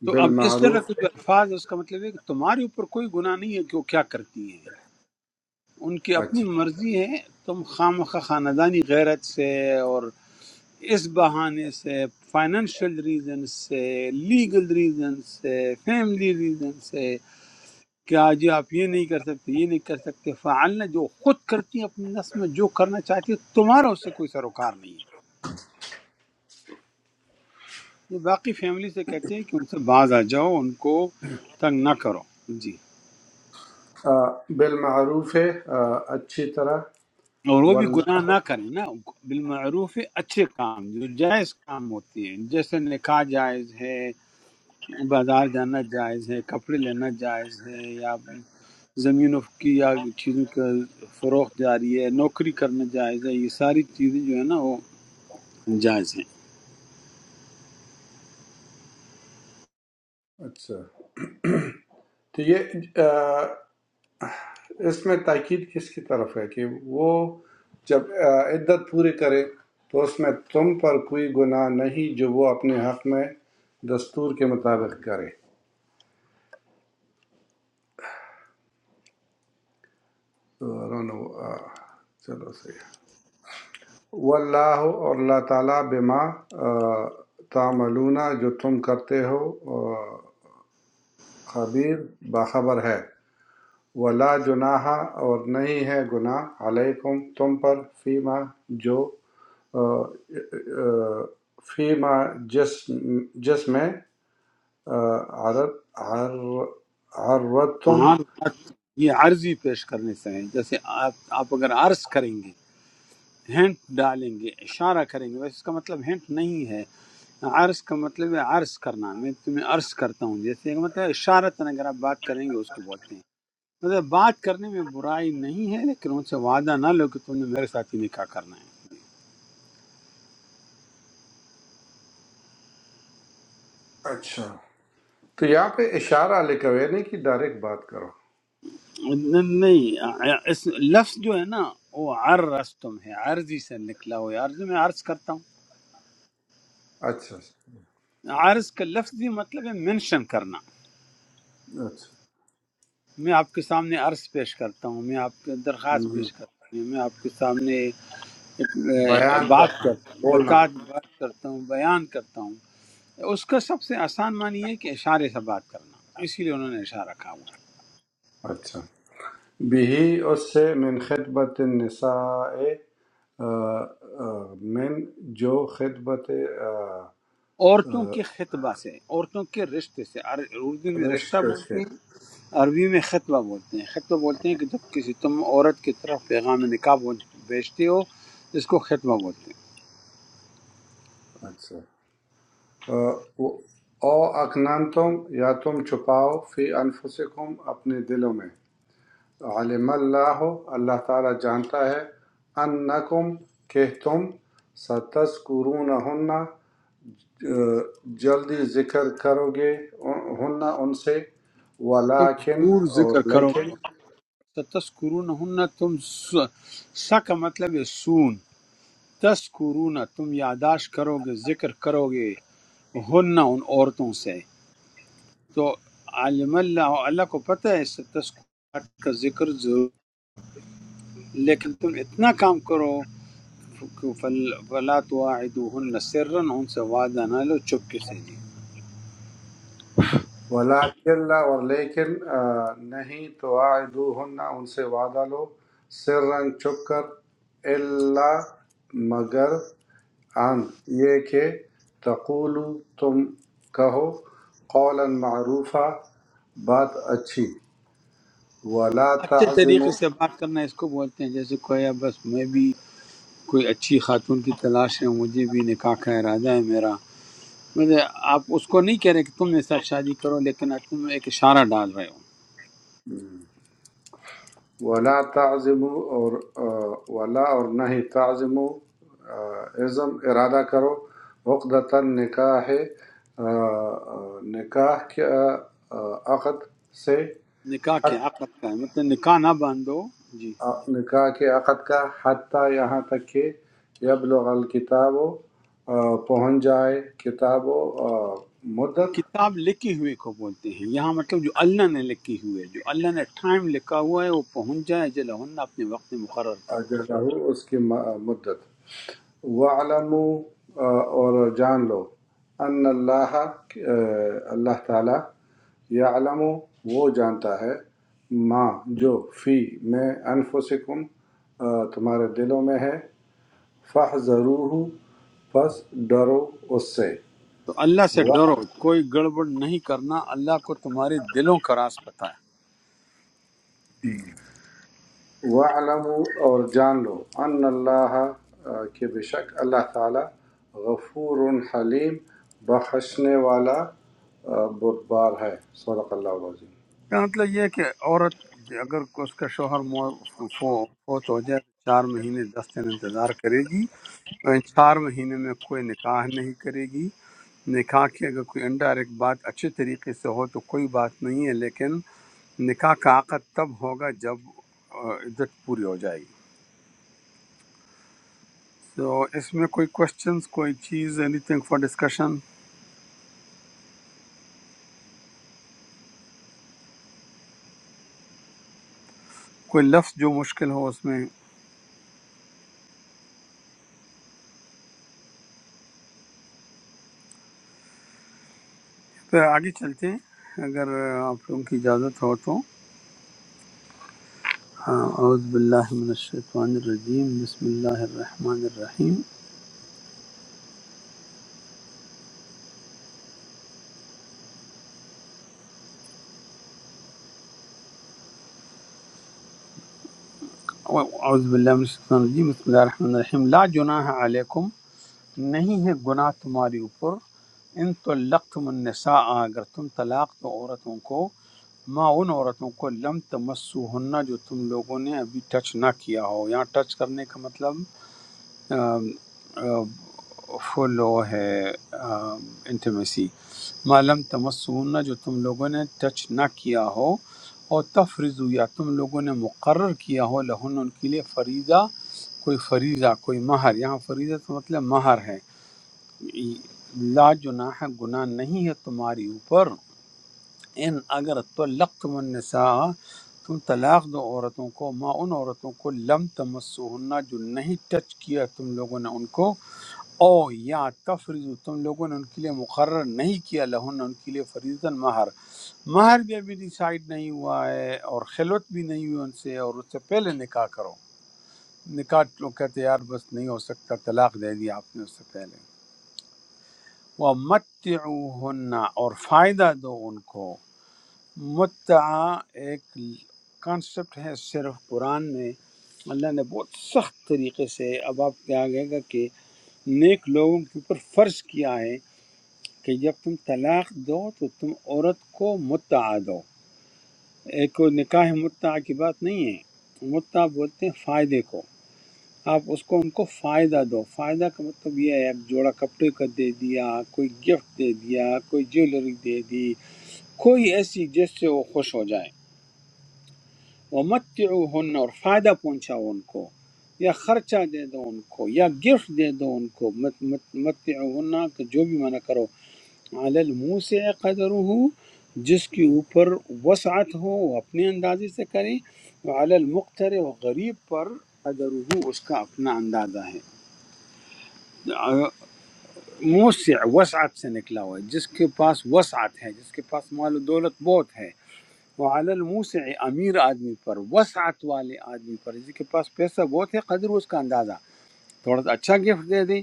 تو اب اس طرح
بالمعروف
کے جو الفاظ ہیں، اس کا مطلب ہے کہ تمہارے اوپر کوئی گناہ نہیں ہے کہ وہ کیا کرتی ہیں ان کی اپنی
اچھا
مرضی ہے تم خام خواہ خاندانی غیرت سے اور اس بہانے سے فائنینشیل ریزن سے لیگل ریزن سے فیملی ریزن سے کہ آج یہ آپ یہ نہیں کر سکتے یہ نہیں کر سکتے فعلنا جو خود کرتی ہے اپنے نفس میں جو کرنا چاہتی ہے تمہارا اس سے کوئی سروکار نہیں ہے یہ باقی فیملی سے کہتے ہیں کہ ان سے باز آ جاؤ ان کو تنگ نہ کرو جی
آ، بالمعروف آ، اچھی طرح
اور وہ بھی
واللہ
گناہ نہ کریں نا بالمعروف اچھے کام جو جائز کام ہوتی ہیں جیسے نکاح جائز ہے بازار جانا جائز ہے کپڑے لینا جائز ہے یا زمینوں کی یا چیزوں کا فروخت جاری ہے نوکری کرنا جائز ہے یہ ساری چیزیں جو ہے نا وہ جائز ہیں
اچھا تو یہ اس میں تاکید کس کی طرف ہے کہ وہ جب آ، عدت پوری کرے تو اس میں تم پر کوئی گناہ نہیں جو وہ اپنے حق میں دستور کے مطابق کرے تو I don't know، آ، چلو صحیح واللہ اور اللہ تعالیٰ بما آ، تعملون جو تم کرتے ہو آ، خبیر باخبر ہے ولا جناح اور نہیں ہے گناہ علیکم تم پر فیما جو فيما جسم جسم عرض عر- عرضتم
ہاں بات یہ عرضی پیش کرنے سے ہے جیسے آپ آپ اگر عرض کریں گے ہینٹ ڈالیں گے اشارہ کریں گے ویسے اس کا مطلب ہینٹ نہیں ہے عرض کا مطلب ہے عرض کرنا میں تمہیں عرض کرتا ہوں جیسے کہ مطلب اشارتاً اگر آپ بات کریں گے اس کو بولتے ہیں مطلب بات کرنے میں برائی نہیں ہے لیکن ان سے وعدہ نہ لو کہ تم نے میرے ساتھ ہی نکاح کرنا ہے
اچھا تو یہاں پہ اشارہ لکھا ہوا ہے نہیں کہ ڈائریکٹ بات کرو
ن- نہیں اس لفظ جو ہے نا وہ عرض تم ہے عرضی سے نکلا ہوا ہے عرض میں عرض کرتا ہوں
اچھا
عرض کا لفظی مطلب ہے منشن کرنا
اچھا
میں آپ کے سامنے عرض پیش کرتا ہوں میں آپ کے درخواست
ہم،
پیش کرتا ہوں میں آپ کے سامنے اے،
بیان
بات
کرنا
کر
بولنا
بتا بات کرتا ہوں بیان کرتا ہوں اس کا سب سے آسان معنی ہے کہ اشارے سے بات کرنا اسی لیے انہوں نے اشارہ کہا ہوا ہے۔
اچھا بھی اس سے من خدمت النساء آ، آ، من جو خدمت آ،
عورتوں کے خطبہ سے عورتوں کے رشتے سے عر- اردو میں رشتہ
رشتے
بولتے
سے
ہیں عربی میں خطبہ بولتے ہیں خطبہ بولتے ہیں کہ جب کسی تم عورت کی طرف پیغام نکاح بول- بھیجتے ہو اس کو خطبہ بولتے ہیں
اچھا او اکننتم یا تم چھپاؤ فی انفسکم اپنے دلوں میں علم اللہ اللہ تعالی جانتا ہے انکم کہ تم ستذکرونہن جلدی ذکر کرو گے ہن ان سے
تم
ولیکن
ضرور
اور
ذکر کرو
لیکن
تسکرون ہن تم س- سا کا مطلب ہے سون تسکرون تم یاداشت کرو گے ذکر کرو گے ہن ان عورتوں سے تو عالم اللہ اللہ کو پتہ ہے ستسکوات کا ذکر ضرور لیکن تم اتنا کام کرو کہ فل- فلا تواعدوهن سرا ان سے وعدہ نہ لو چپکے سے جی
ولاکن اللہ اور لیکن آ، نہیں تو آئدوہن ان سے وعدہ لو سرن چھپ کر اللہ مگر ان یہ کہ تقولو تم کہو قولا معروفہ بات اچھی ولا
اچھے
تعظمو
طریقے سے بات کرنا اس کو بولتے ہیں جیسے کوئی ہے، بس میں بھی کوئی اچھی خاتون کی تلاش ہے مجھے بھی نکاح کا ارادہ ہے میرا مجھے آپ اس کو نہیں کہہ رہے کہ تم میرے ساتھ شادی کرو لیکن آپ تم ایک اشارہ ڈال رہے ہو
ولا تعظم اور آ، ولا اور نہ ہی تعظم عزم ارادہ کرو عقدۃ نکاح آ، آ، نکاح کے آ، عقد سے
نکاح کے حقت کا ہے مطلب نکاح نہ باندھو جی
آ، نکاح کے عقد کا حتیٰ یہاں تک کہ یبلغ الکتاب و پہنچ جائے کتاب و آ، مدت
کتاب لکھی ہوئی کو بولتے ہیں یہاں مطلب جو اللہ نے لکھی ہوئی ہے جو اللہ نے ٹائم لکھا ہوا ہے وہ پہنچ جائے جلہن اپنے وقت مقرر تک
اجلہ اس کی م- مدت وعلموا آ، اور جان لو ان اللہ کہ، آ، اللہ تعالی یعلم وہ جانتا ہے ماں جو فی میں انفسکم آ، تمہارے دلوں میں ہے فہ ضرور پس ڈرو اس سے
تو اللہ سے ڈرو کوئی گڑبڑ نہیں کرنا اللہ کو تمہارے دلوں کا راز پتہ ہے
وعلم اور جان لو ان اللہ آ، کہ بے شک اللہ تعالی غفور حلیم بخشنے والا آ، بردبار ہے صدق اللہ العظیم
اس کا مطلب یہ ہے کہ عورت اگر اس کا شوہر مو- فو- فوت ہو جائے تو چار مہینے دس دن انتظار کرے گی اور ان چار مہینے میں کوئی نکاح نہیں کرے گی نکاح کی اگر کوئی انڈائریکٹ بات اچھے طریقے سے ہو تو کوئی بات نہیں ہے لیکن نکاح کا عقد تب ہوگا جب آ، عدت پوری ہو جائے گی تو اس میں کوئی کوشچنس کوئی چیز اینی تھنگ فار ڈسکشن کوئی لفظ جو مشکل ہو اس میں پھر آگے چلتے ہیں اگر آپ لوگوں کی اجازت ہو تو ہاں، اعوذ باللہ من الشیطان الرجیم بسم اللہ الرحمن الرحیم اعوذ باللہ من الشیطان الرجیم بسم اللہ الرحمن الرحیم لا جناح علیکم نہیں ہے گناہ تمہاری اوپر ان طلقتم النساء اگر تم طلاق دو عورتوں کو ماں ان عورتوں کو لم تمسو ہننا جو تم لوگوں نے ابھی ٹچ نہ کیا ہو یہاں ٹچ کرنے کا مطلب فلو ہے انٹیمیسی ما لم تمسو ہننا جو تم لوگوں نے ٹچ نہ کیا ہو اور تفرض یا تم لوگوں نے مقرر کیا ہو لہن ان کے لیے فریضہ کوئی فریضہ کوئی مہر یہاں فریضہ کا مطلب مہر ہے لا جناح گناہ نہیں ہے تمہاری اوپر ان اگر طلقتم النساء تم طلاق دو عورتوں کو ما ان عورتوں کو لم تمسوہن جو نہیں ٹچ کیا تم لوگوں نے ان کو او یا تفریض تم لوگوں نے ان کے لیے مقرر نہیں کیا لہن ان کے لیے فریضاً مہر مہر بھی ابھی ڈیسائیڈ نہیں ہوا ہے اور خلوت بھی نہیں ہوئی ان سے اور اس سے پہلے نکاح کرو نکاح لوگ کہتے ہیں، یار بس نہیں ہو سکتا طلاق دے دیا آپ نے اس سے پہلے وہ مت اور فائدہ دو ان کو متع ایک کانسیپٹ ہے صرف قرآن میں اللہ نے بہت سخت طریقے سے اب آپ کے آگے گا کہ نیک لوگوں کے اوپر فرض کیا ہے کہ جب تم طلاق دو تو تم عورت کو متع دو ایک کوئی نکاح متع کی بات نہیں ہے متع بولتے ہیں فائدے کو آپ اس کو ان کو فائدہ دو فائدہ کا مطلب یہ ہے آپ جوڑا کپڑے کا دے دیا کوئی گفٹ دے دیا کوئی جیولری دے دی کوئی ایسی جس سے وہ خوش ہو جائے ومتعوہن اور فائدہ پہنچاؤ ان کو یا خرچہ دے دو ان کو یا گفٹ دے دو ان کو مت مت متعوہن کہ جو بھی منع کرو علی الموسع قدرہ جس کے اوپر وسعت ہو وہ اپنے اندازے سے کریں وعلی المقتر و غریب پر قدرہ اس کا اپنا اندازہ ہے موسع وسعت سے نکلا ہوا ہے جس کے پاس وسعت ہے جس کے پاس مال و دولت بہت ہے وعلی الموسع امیر آدمی پر وسعت والے آدمی پر جس کے پاس پیسہ بہت ہے قدر اس کا اندازہ تھوڑا سا اچھا گفٹ دے دے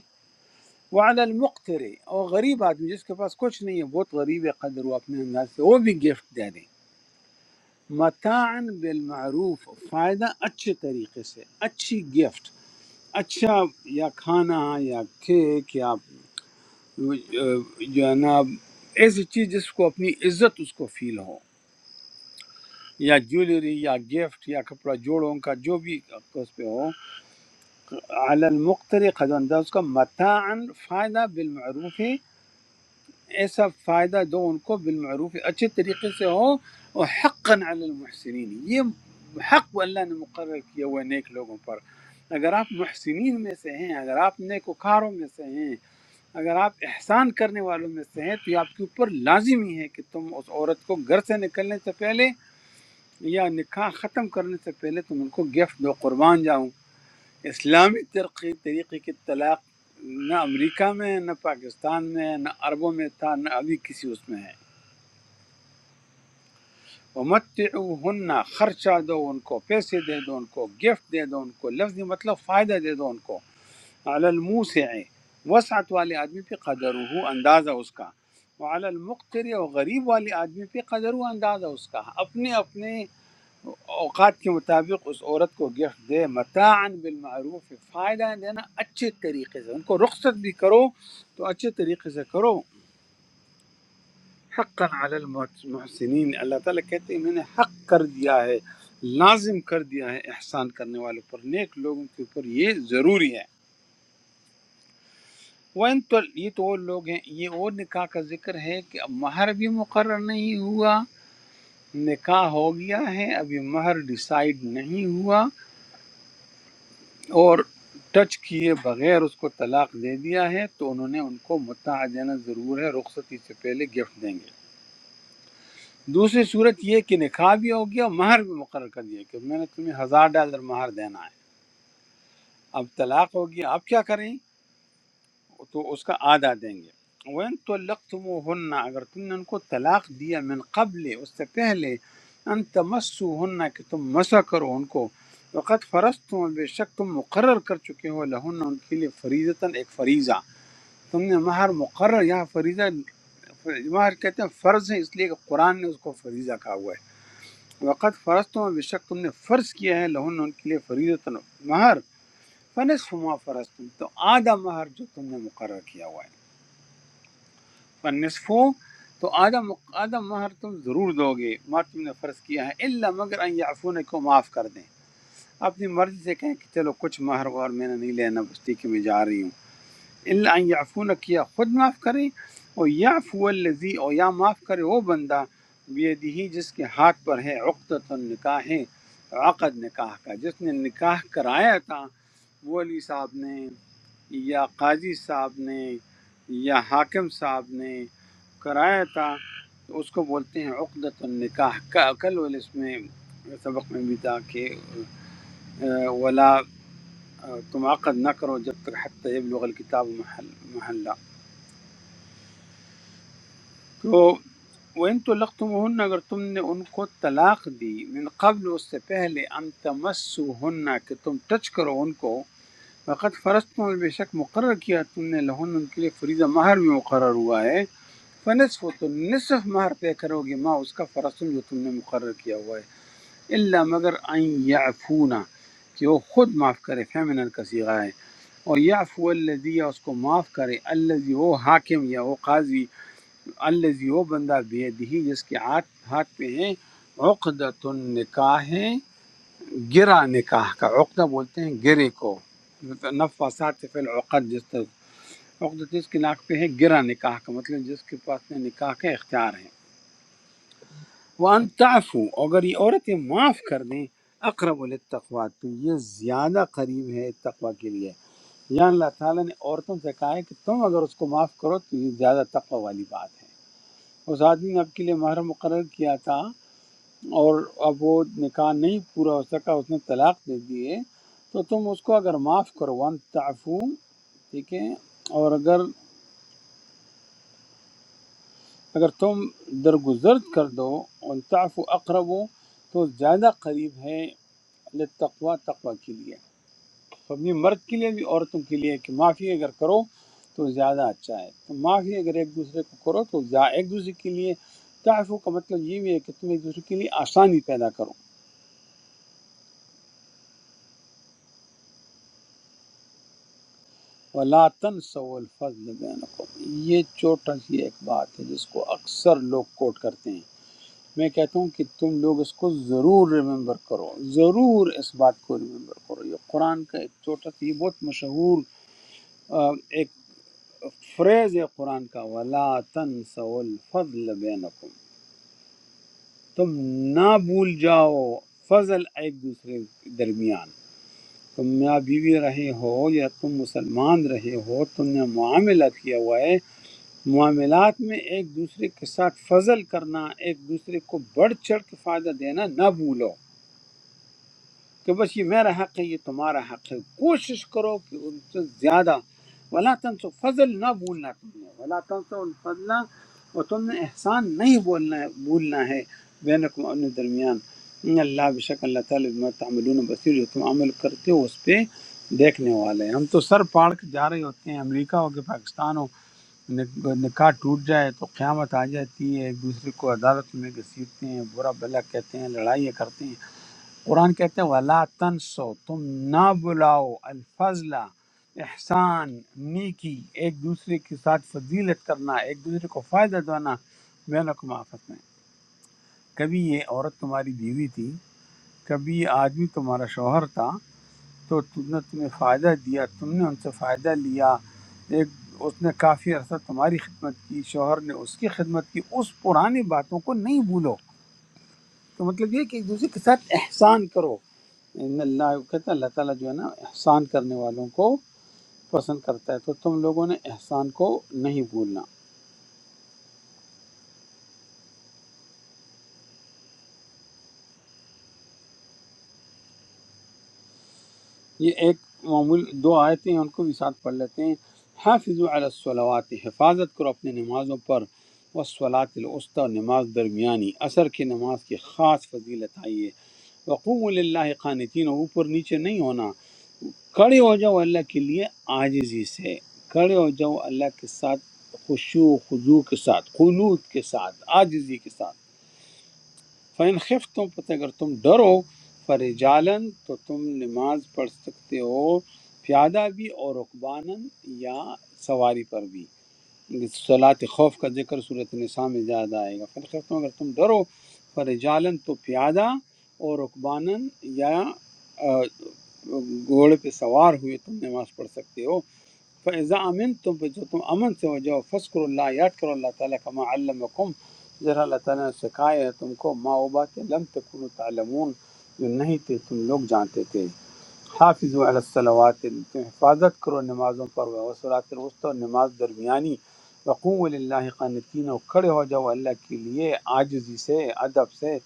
وعلی المقتر اور غریب آدمی جس کے پاس کچھ نہیں ہے بہت غریب ہے قدر وہ اپنے انداز سے وہ بھی گفٹ دے دے متاعن بالمعروف فائدہ اچھے طریقے سے اچھی گفٹ اچھا یا کھانا یا کیک یا جو ہے نا ایسی چیز جس کو اپنی عزت اس کو فیل ہو یا جویلری یا گفٹ یا کپڑا جوڑوں کا جو بھی اس پہ ہو علی المقتر قد انداز اس کا متاعن فائدہ بالمعروف ہے۔ ایسا فائدہ دو ان کو بالمعروف ہے، اچھے طریقے سے ہو اور حقا علی المحسنین یہ حق اللہ نے مقرر کیا ہوا ہے نیک لوگوں پر اگر آپ محسنین میں سے ہیں اگر آپ نیک وکاروں میں سے ہیں اگر آپ احسان کرنے والوں میں سے ہیں تو یہ آپ کے اوپر لازمی ہے کہ تم اس عورت کو گھر سے نکلنے سے پہلے یا نکاح ختم کرنے سے پہلے تم ان کو گفٹ دو قربان جاؤں اسلامی ترقی طریقے کی طلاق نہ امریکہ میں ہے، نہ پاکستان میں ہے، نہ عربوں میں تھا نہ ابھی کسی اس میں ہے ومتعوہن خرچہ دو ان کو پیسے دے دو ان کو گفٹ دے دو ان کو لفظی مطلب فائدہ دے دو ان کو علی الموسع وسعت والے آدمی پہ قدر ہو اندازہ اس کا وعلی المقتر اور غریب والے آدمی پہ قدر ہو اندازہ اس کا اپنے اپنے اوقات کے مطابق اس عورت کو گفٹ دے متاعن بالمعروف فائدہ دینا اچھے طریقے سے ان کو رخصت بھی کرو تو اچھے طریقے سے کرو حقا علی المحسنین اللہ تعالیٰ کہتے ہیں میں نے حق کر دیا ہے لازم کر دیا ہے احسان کرنے والوں پر نیک لوگوں کے اوپر یہ ضروری ہے وَإِن تو یہ تو وہ لوگ ہیں یہ وہ نکاح کا ذکر ہے کہ اب مہر بھی مقرر نہیں ہوا نکاح ہو گیا ہے ابھی مہر ڈیسائیڈ نہیں ہوا اور ٹچ کیے بغیر اس کو طلاق دے دیا ہے تو انہوں نے ان کو متاع دینا ضرور ہے رخصتی سے پہلے گفٹ دیں گے دوسری صورت یہ کہ نکاح بھی ہو گیا مہر بھی مقرر کر دیا کہ میں نے تمہیں ہزار ڈالر مہر دینا ہے اب طلاق ہو گیا اب کیا کریں تو اس کا آدھا دیں گے وین تو ہن اگر تم نے ان کو طلاق دیا من قبل اس سے پہلے ان تمسو کہ تم مسا کرو ان کو وقت فرض تم بے شک تم مقرر کر چکے ہو لہن ان کے لیے فریضتاً ایک فریضہ تم نے مہر مقرر یہاں فریضہ مہر کہتے ہیں فرض ہے اس لیے کہ قرآن نے اس کو فریضہ کہا ہوا ہے وقت فرض تم بے شک تم نے فرض کیا ہے لہن ان کے لیے فریضہ مہر فنصف ما فرض تم تو آدھا مہر جو تم نے مقرر کیا ہوا ہے فنصف تو آدھا مق- آدھا مہر تم ضرور دو گے مہر تم نے فرض کیا ہے اللہ مگر ان یعفون کو معاف کر دیں اپنی مرضی سے کہیں کہ چلو کچھ مہر اور میں نے نہیں لینا بستی کہ میں جا رہی ہوں اللہ یعفون کیا خود معاف کرے اور یعفو الذی اور یا معاف کرے وہ بندہ بیدہی جس کے ہاتھ پر ہے عقدۃ النکاح ہے عقد نکاح کا جس نے نکاح کرایا تھا وہ علی صاحب نے یا قاضی صاحب نے یا حاکم صاحب نے کرایا تھا تو اس کو بولتے ہیں عقدۃ النکاح کا کل اس میں سبق میں بھی تھا کہ ولا تم عقد نہ کرو جب تک حتیٰ یبلغ الکتاب محل محلہ تو وَإِن طَلَّقْتُمُوهُنَّ اگر تم نے ان کو طلاق دی من قبل اس سے پہلے ان تمسوهن کہ تم ٹچ کرو ان کو وقت فرض تم بے شک مقرر کیا تم نے لہن ان کے لیے فریضہ مہر بھی مقرر ہوا ہے فنصف تو نصف مہر طے کرو گے ماں اس کا فرسم جو تم نے مقرر کیا ہوا ہے اللہ مگر ان یعفونا کہ وہ خود معاف کرے فیمنن کا صیغہ ہے اور یعفو الذی یا اس کو معاف کرے الذی وہ حاکم یا وہ قاضی الذی وہ بندہ بیدہی جس کے ہاتھ ہاتھ پہ ہے عقدۃ النکاح ہے گرا نکاح کا عقدہ بولتے ہیں گرے کو نفسات فی العقد جس طرح عقدہ جس کے ناک پہ ہے گرا نکاح کا مطلب جس کے پاس میں نکاح کا اختیار ہے وان تعفو اگر یہ عورتیں معاف کر دیں اقرب للتقوی تو یہ زیادہ قریب ہے تقوی کے لیے یا اللہ تعالیٰ نے عورتوں سے کہا ہے کہ تم اگر اس کو معاف کرو تو یہ زیادہ تقوی والی بات ہے اس آدمی نے آپ کے لیے مہر مقرر کیا تھا اور اب وہ نکاح نہیں پورا ہو سکا اس نے طلاق دے دیے تو تم اس کو اگر معاف کرو وان تعفو ٹھیک ہے اور اگر اگر تم درگزر کر دو ان تعفو اقرب ہو تو زیادہ قریب ہے لتقوا تقوی کے لیے فبنی مرد کے لیے بھی عورتوں کے لیے کہ معافی اگر کرو تو زیادہ اچھا ہے تو معافی اگر ایک دوسرے کو کرو تو زیا- ایک دوسرے کے لیے تعفو کا مطلب یہ بھی ہے کہ تم ایک دوسرے کے لیے آسانی پیدا کرو ولا تنسوا الفضل بینکم یہ چھوٹا سی ایک بات ہے جس کو اکثر لوگ کوٹ کرتے ہیں میں کہتا ہوں کہ تم لوگ اس کو ضرور ریممبر کرو ضرور اس بات کو ریممبر کرو یہ قرآن کا ایک چھوٹا سا یہ بہت مشہور آ، ایک فریز ہے قرآن کا ولا تنسوا الفضل بینکم تم نہ بھول جاؤ فضل ایک دوسرے کے درمیان تم یا بیوی رہے ہو یا تم مسلمان رہے ہو تم نے معاملہ کیا ہوا ہے معاملات میں ایک دوسرے کے ساتھ فضل کرنا ایک دوسرے کو بڑھ چڑھ کے فائدہ دینا نہ بھولو کہ بس یہ میرا حق ہے یہ تمہارا حق ہے کوشش کرو کہ ان سے زیادہ ولا تنسو فضل نہ بھولنا تم نے ولا تنسو الفضل اور تم نے احسان نہیں بولنا ہے بھولنا ہے بینکم اپنے درمیان ان اللہ بشک اللہ تعالیٰ بما تعملون بصیر جو تم عمل کرتے ہو اس پہ دیکھنے والے ہیں ہم تو سر پاڑ کے جا رہے ہوتے ہیں امریکہ ہو کے پاکستان ہو نک- نکاح ٹوٹ جائے تو قیامت آ جاتی ہے ایک دوسرے کو عدالت میں گھسیٹتے ہیں برا بھلا کہتے ہیں لڑائیاں کرتے ہیں قرآن کہتے ہیں ولا تنسو تم نہ بلاؤ الفضل احسان نیکی ایک دوسرے کے ساتھ فضیلت کرنا ایک دوسرے کو فائدہ دینا بینکم آفت میں کبھی یہ عورت تمہاری بیوی تھی کبھی یہ آدمی تمہارا شوہر تھا تو تم نے تمہیں فائدہ دیا تم نے ان سے فائدہ لیا ایک اس نے کافی عرصہ تمہاری خدمت کی شوہر نے اس کی خدمت کی اس پرانی باتوں کو نہیں بھولو تو مطلب یہ ہے کہ ایک دوسرے کے ساتھ احسان کرو ان اللہ کہتا ہے اللہ تعالیٰ جو ہے نا احسان کرنے والوں کو پسند کرتا ہے تو تم لوگوں نے احسان کو نہیں بھولنا یہ ایک معمول دو آیتیں ہیں ان کو بھی ساتھ پڑھ لیتے ہیں حافظ الصلاوات حفاظت کرو اپنے نمازوں پر وسلاۃ الوسطی نماز درمیانی اثر کی نماز کی خاص فضیلت آئی ہے وقوم اللہ قانتین اوپر نیچے نہیں ہونا کھڑے ہو جاؤ اللہ کے لیے آجزی سے کھڑے ہو جاؤ اللہ کے ساتھ خشوع و خضوع کے ساتھ قنوت کے ساتھ آجزی کے ساتھ فین خف تم پتہ اگر تم ڈرو فرجالن تو تم نماز پڑھ سکتے ہو پیادہ بھی اور رکبانن یا سواری پر بھی صلاۃ خوف کا ذکر صورت نساء میں زیادہ آئے گا پھر خفتوں اگر تم ڈرو فرجالن تو پیادہ اور رکبانن یا آ، گھوڑے پہ سوار ہوئے تم نماز پڑھ سکتے ہو فیضا امن تم پہ جو تم امن سے ہو جاؤ فسکر اللہ یاد کرو اللہ تعالیٰ کا ما علمکم ذرا اللہ تعالیٰ نے سکھایا ہے تم کو ما وہ باتیں لم تکن تعلمون جو نہیں تھے تم لوگ جانتے تھے حافظ علی الصلوات تم حفاظت کرو نمازوں پر وسلاۃ الوسطی اور نماز درمیانی وقوم للہ قانتین اور کھڑے ہو جاؤ اللہ کے لیے عاجزی سے ادب سے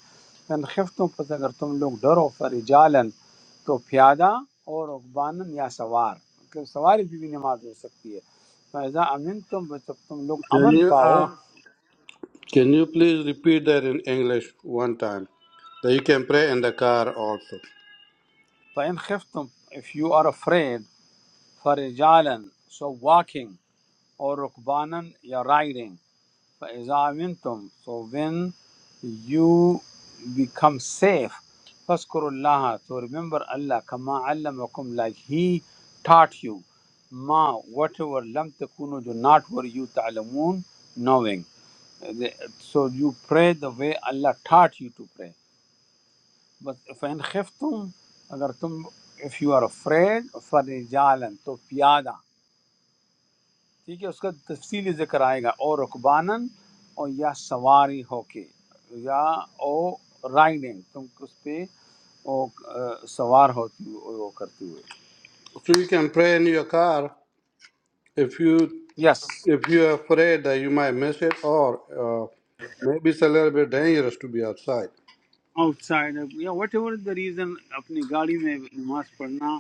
ان خفتوں پر اگر تم لوگ ڈرو فرجالن تو پیادہ اور رکبانن یا سوار کہ سواری بھی, بھی نماز ہو سکتی ہے فیضا امن تم جب تم لوگ
Can
امن
you
پاؤ
uh, can you please repeat that in English one time? That you can pray in the car also.
فین خف تم اف یو آر افریڈ فرجالن سو واکنگ اور رکبانن یا رائڈنگ فیضا امن تم so when you become safe فسکر اللہ تو ریمبر اللہ کما علمکم لائک ہی ٹاٹ یو ما وٹ ایور لم تکونو جو ناٹ ور یو تعلمون knowing so you pray the way Allah taught you to pray بس فین خف تم اگر تم اف یو آر افریڈ فرجالن تو پیادہ ٹھیک ہے اس کا تفصیلی ذکر آئے گا اور رکبانن اور یا سواری ہو کے یا او رائڈنگ تم اس پہ او آ، سوار ہوتی ہو- وہ کرتے ہوئے
So you can pray in your car if you
yes
if you are afraid that you might miss it or uh, maybe it's a little bit dangerous to be outside.
Outside یا وٹ ایور دا ریزن اپنی گاڑی میں نماز پڑھنا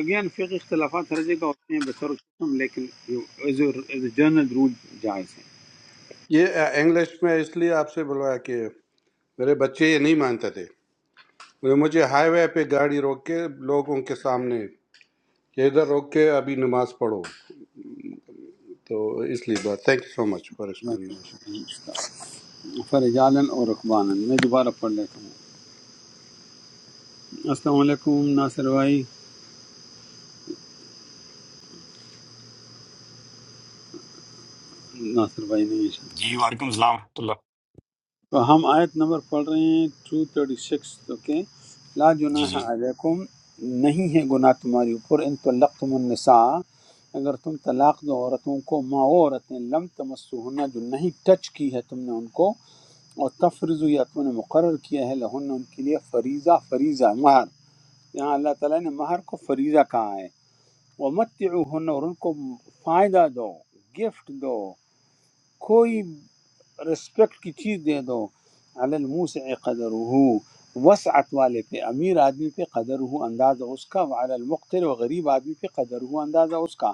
اگین فقہ اختلافات ہر جگہ ہوتے ہیں بسر قسم لیکن جنرل رول جائز
ये इंग्लिश में इसलिए आपसे बुलवाया कि मेरे बच्चे ये नहीं मानते थे बोले, मुझे हाईवे पे गाड़ी रोक के लोगों के सामने कि इधर रोक के अभी नमाज पढ़ो तो इसलिए बात। Thank you so much for
ہے
एक्सप्लेनेशन
فرجالن اور رقبانن میں دوبارہ پڑھ لیتا ہوں السلام علیکم ناصر بھائی ناصر بھائی نہیں شاید
جی وعلیکم السلام ورحمۃ اللہ
تو ہم آیت نمبر پڑھ رہے ہیں 236 اوکے لا
جی
جناح
جی
علیکم نہیں ہے گناہ تمہاری اوپر ان طلقتم النساء اگر تم طلاق دو عورتوں کو ما وہ عورتیں لم تمسوہن جو نہیں ٹچ کی ہے تم نے ان کو اور تفرض یا تم نے مقرر کیا ہے لہن ان کے لیے فریضہ فریضہ مہر یہاں اللہ تعالیٰ نے مہر کو فریضہ کہا ہے ومتعوہن اور ان کو فائدہ دو گفٹ دو کوئی رسپیکٹ کی چیز دے دو علی الموسع قدرہو وسعت والے پہ امیر آدمی پہ قدر ہو اندازہ اس کا وعلی المقتر و غریب آدمی پہ قدر ہو اندازہ اس کا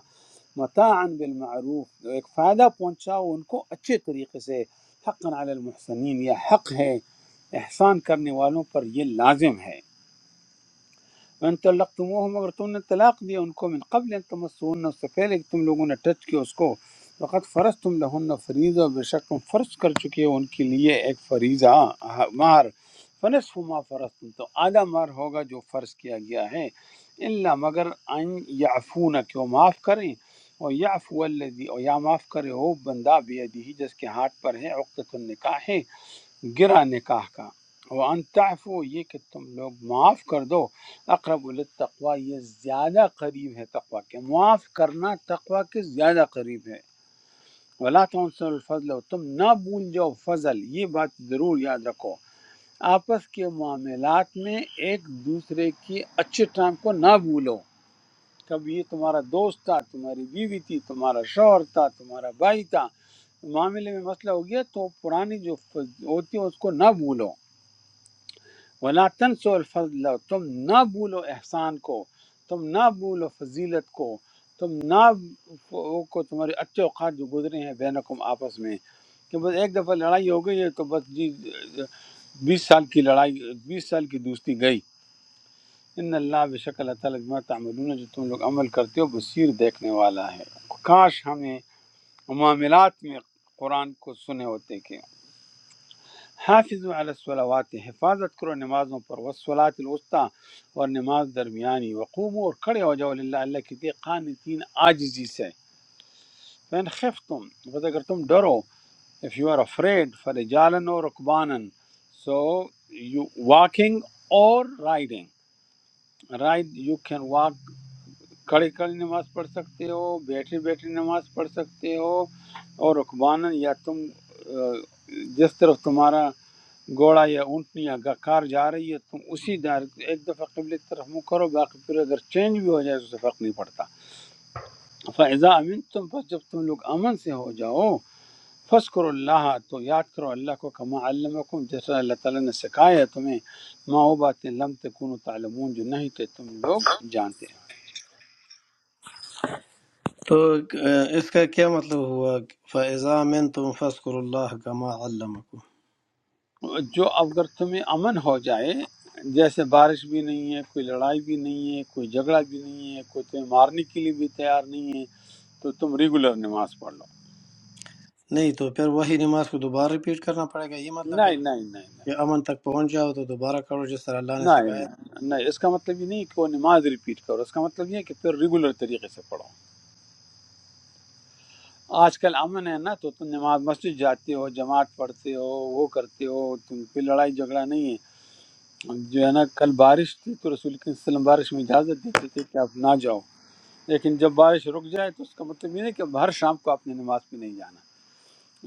متاعا بالمعروف ایک فائدہ پہنچاؤ ان کو اچھے طریقے سے حقا علی المحسنین یہ حق ہے احسان کرنے والوں پر یہ لازم ہے ان طلقتموہم اگر تم نے طلاق دیا ان کو من قبل ان تمسون اس سے پہلے کہ تم لوگوں نے ٹچ کیا اس کو فقط فرض تم لہن فریضہ بے شک تم فرض کر چکے ہو ان کے لیے ایک فریضہ مہر فنصف ما فرض تم تو آدھا مہر ہوگا جو فرض کیا گیا ہے اللہ مگر ان یعفون کہ وہ معاف کریں اور یعفو الذی اور یا معاف کرے ہو بندہ بیدی جس کے ہاتھ پر ہے عقدۃ النکاح ہے گرا نکاح کا وان تعفو یہ کہ تم لوگ معاف کر دو اقرب التقوا یہ زیادہ قریب ہے تقوا کے معاف کرنا تقوا کے زیادہ قریب ہے ولا تنسوا الفضل اور تم نہ بھول جاؤ فضل یہ بات ضرور یاد رکھو آپس کے معاملات میں ایک دوسرے کی اچھے ٹائم کو نہ بھولو کب یہ تمہارا دوست تھا تمہاری بیوی تھی تمہارا شوہر تھا تمہارا بھائی تھا معاملے میں مسئلہ ہو گیا تو پرانی جو فض- ہوتی ہے اس کو نہ بھولو ولا تنسوا الفضل تم نہ بھولو احسان کو تم نہ بھولو فضیلت کو تم نہ وہ کو تمہارے اچھے اوقات جو گزرے ہیں بینکم آپس میں کہ بس ایک دفعہ لڑائی ہو گئی ہے تو بس جی بیس سال کی لڑائی بیس سال کی دوستی گئی ان اللہ بے شک اللہ تعالیٰ بما تعملون جو تم لوگ عمل کرتے ہو بصیر دیکھنے والا ہے کاش ہمیں معاملات میں قرآن کو سنے ہوتے کہ حافظوا علی الصلوات حفاظت کرو نمازوں پر والصلاة الوسطی اور نماز درمیانی وقوموا اور کھڑے ہو جاؤ للہ اللہ کے لیے قانتین عاجزی سے فین خفتم بس اگر تم ڈرو if you are afraid فرجالن اور رکبانن so you walking or riding ride you can walk کھڑے کھڑے نماز پڑھ سکتے ہو بیٹھے بیٹھے نماز پڑھ سکتے ہو اور رکبانن یا تم آ، جس طرف تمہارا گھوڑا یا اونٹنی یا گا- کار جا رہی ہے تم اسی دار ایک دفعہ قبل کی طرف منہ کرو باقی پھر اگر چینج بھی ہو جائے تو اسے فرق نہیں پڑتا فیضا امین تم پس جب تم لوگ امن سے ہو جاؤ فس کرو اللہ تو یاد کرو اللہ کو کما علمکم جیسا اللہ تعالیٰ نے سکھایا ہے تمہیں ما وہ باتیں لم تکونوا تعلمون جو نہیں تھے تم لوگ جانتے
تو اہ، اس کا کیا مطلب ہوا فیضا من تم فسکر اللہ کما علمکم
جو اگر تمہیں امن ہو جائے جیسے بارش بھی نہیں ہے کوئی لڑائی بھی نہیں ہے کوئی جھگڑا بھی نہیں ہے کوئی تمہیں مارنے کے لیے بھی تیار نہیں ہے تو تم ریگولر نماز پڑھ لو
نہیں تو پھر وہی نماز کو دوبارہ ریپیٹ کرنا پڑے گا یہ مطلب ہے
نہیں نہیں نہیں نہیں
کہ امن تک پہنچ جاؤ تو دوبارہ کرو جس طرح اللہ نے
نہیں
سکھایا
نہیں نہیں، اس کا مطلب یہ نہیں کہ وہ نماز ریپیٹ کرو اس کا مطلب یہ ہے کہ پھر ریگولر طریقے سے پڑھو آج کل امن ہے نا تو تم نماز مسجد جاتے ہو جماعت پڑھتے ہو وہ کرتے ہو تم کوئی لڑائی جھگڑا نہیں ہے جو ہے نا کل بارش تھی تو رسول کے وسلم بارش میں اجازت دیتے تھے کہ آپ نہ جاؤ لیکن جب بارش رک جائے تو اس کا مطلب یہ نہیں کہ اب ہر شام کو آپ نے نماز پہ نہیں جانا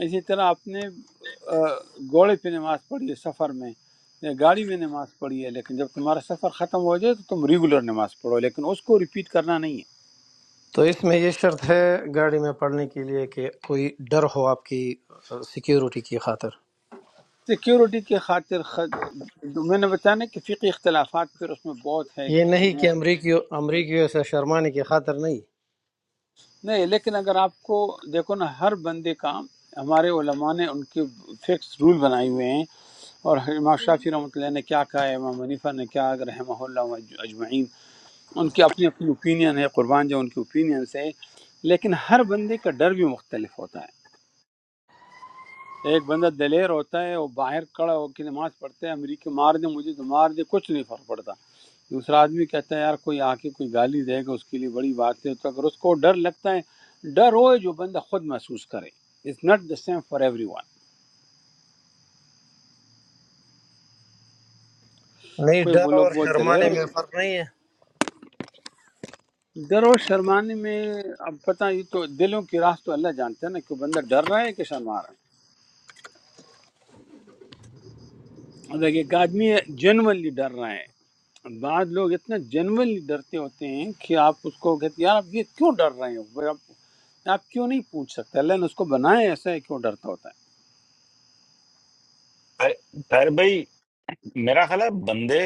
اسی طرح آپ نے آ، گھوڑے پہ نماز پڑھی ہے سفر میں یا گاڑی میں نماز پڑھی ہے لیکن جب تمہارا سفر ختم ہو جائے تو تم ریگولر نماز پڑھو لیکن اس کو ریپیٹ کرنا نہیں ہے
تو اس میں یہ شرط ہے گاڑی میں پڑھنے کے لیے کہ کوئی ڈر ہو آپ کی سیکیورٹی کی خاطر
سیکیورٹی کی خاطر خد... میں نے بتایا نا کہ فقی اختلافات پھر اس میں بہت
یہ نہیں
ہے
کہ امریکیوں امریکیوں سے شرمانے کی خاطر نہیں
نہیں لیکن اگر آپ کو دیکھو نا ہر بندے کا ہمارے علماء نے ان کے فکس رول بنائے ہوئے ہیں اور امام شافی رحمۃ اللہ نے کیا کہا ہے امام منیفہ نے کیا رحمہ اللہ اجمعین ان کی اپنی اپنی اوپینین ہے قربان جو ان کی اوپینینس ہے لیکن ہر بندے کا ڈر بھی مختلف ہوتا ہے ایک بندہ دلیر ہوتا ہے وہ باہر کڑا ہو کے نماز پڑھتا ہے امریکہ مار دے مجھے تو مار دے کچھ نہیں فرق پڑتا دوسرا آدمی کہتا ہے یار کوئی آ کے کوئی گالی دے گا اس کے لیے بڑی بات ہے تو اگر اس کو ڈر لگتا ہے ڈر ہو جو بندہ خود محسوس کرے it's not the same for everyone
نہیں
کوئی وہ
ڈر
لوگ
اور
بہت دلیر
شرمانے
ہو
میں فرق نہیں ہے
ڈر اور شرمانے میں اب پتہ یہ تو دلوں کی راہ تو اللہ جانتا ہے نا کہ بندہ ڈر رہا ہے کہ شرما رہا ہے اب ایک آدمی جنونلی ڈر رہا ہے بعض لوگ اتنا جنونلی ڈرتے ہوتے ہیں کہ آپ اس کو کہتے ہیں یار آپ یہ کیوں ڈر رہے ہو بھئی آپ آپ کیوں نہیں پوچھ سکتے اللہ نے اس کو بنایا ہے ایسا ہے کیوں ڈرتا ہوتا ہے
طاہر طاہر بھائی میرا خیال ہے بندے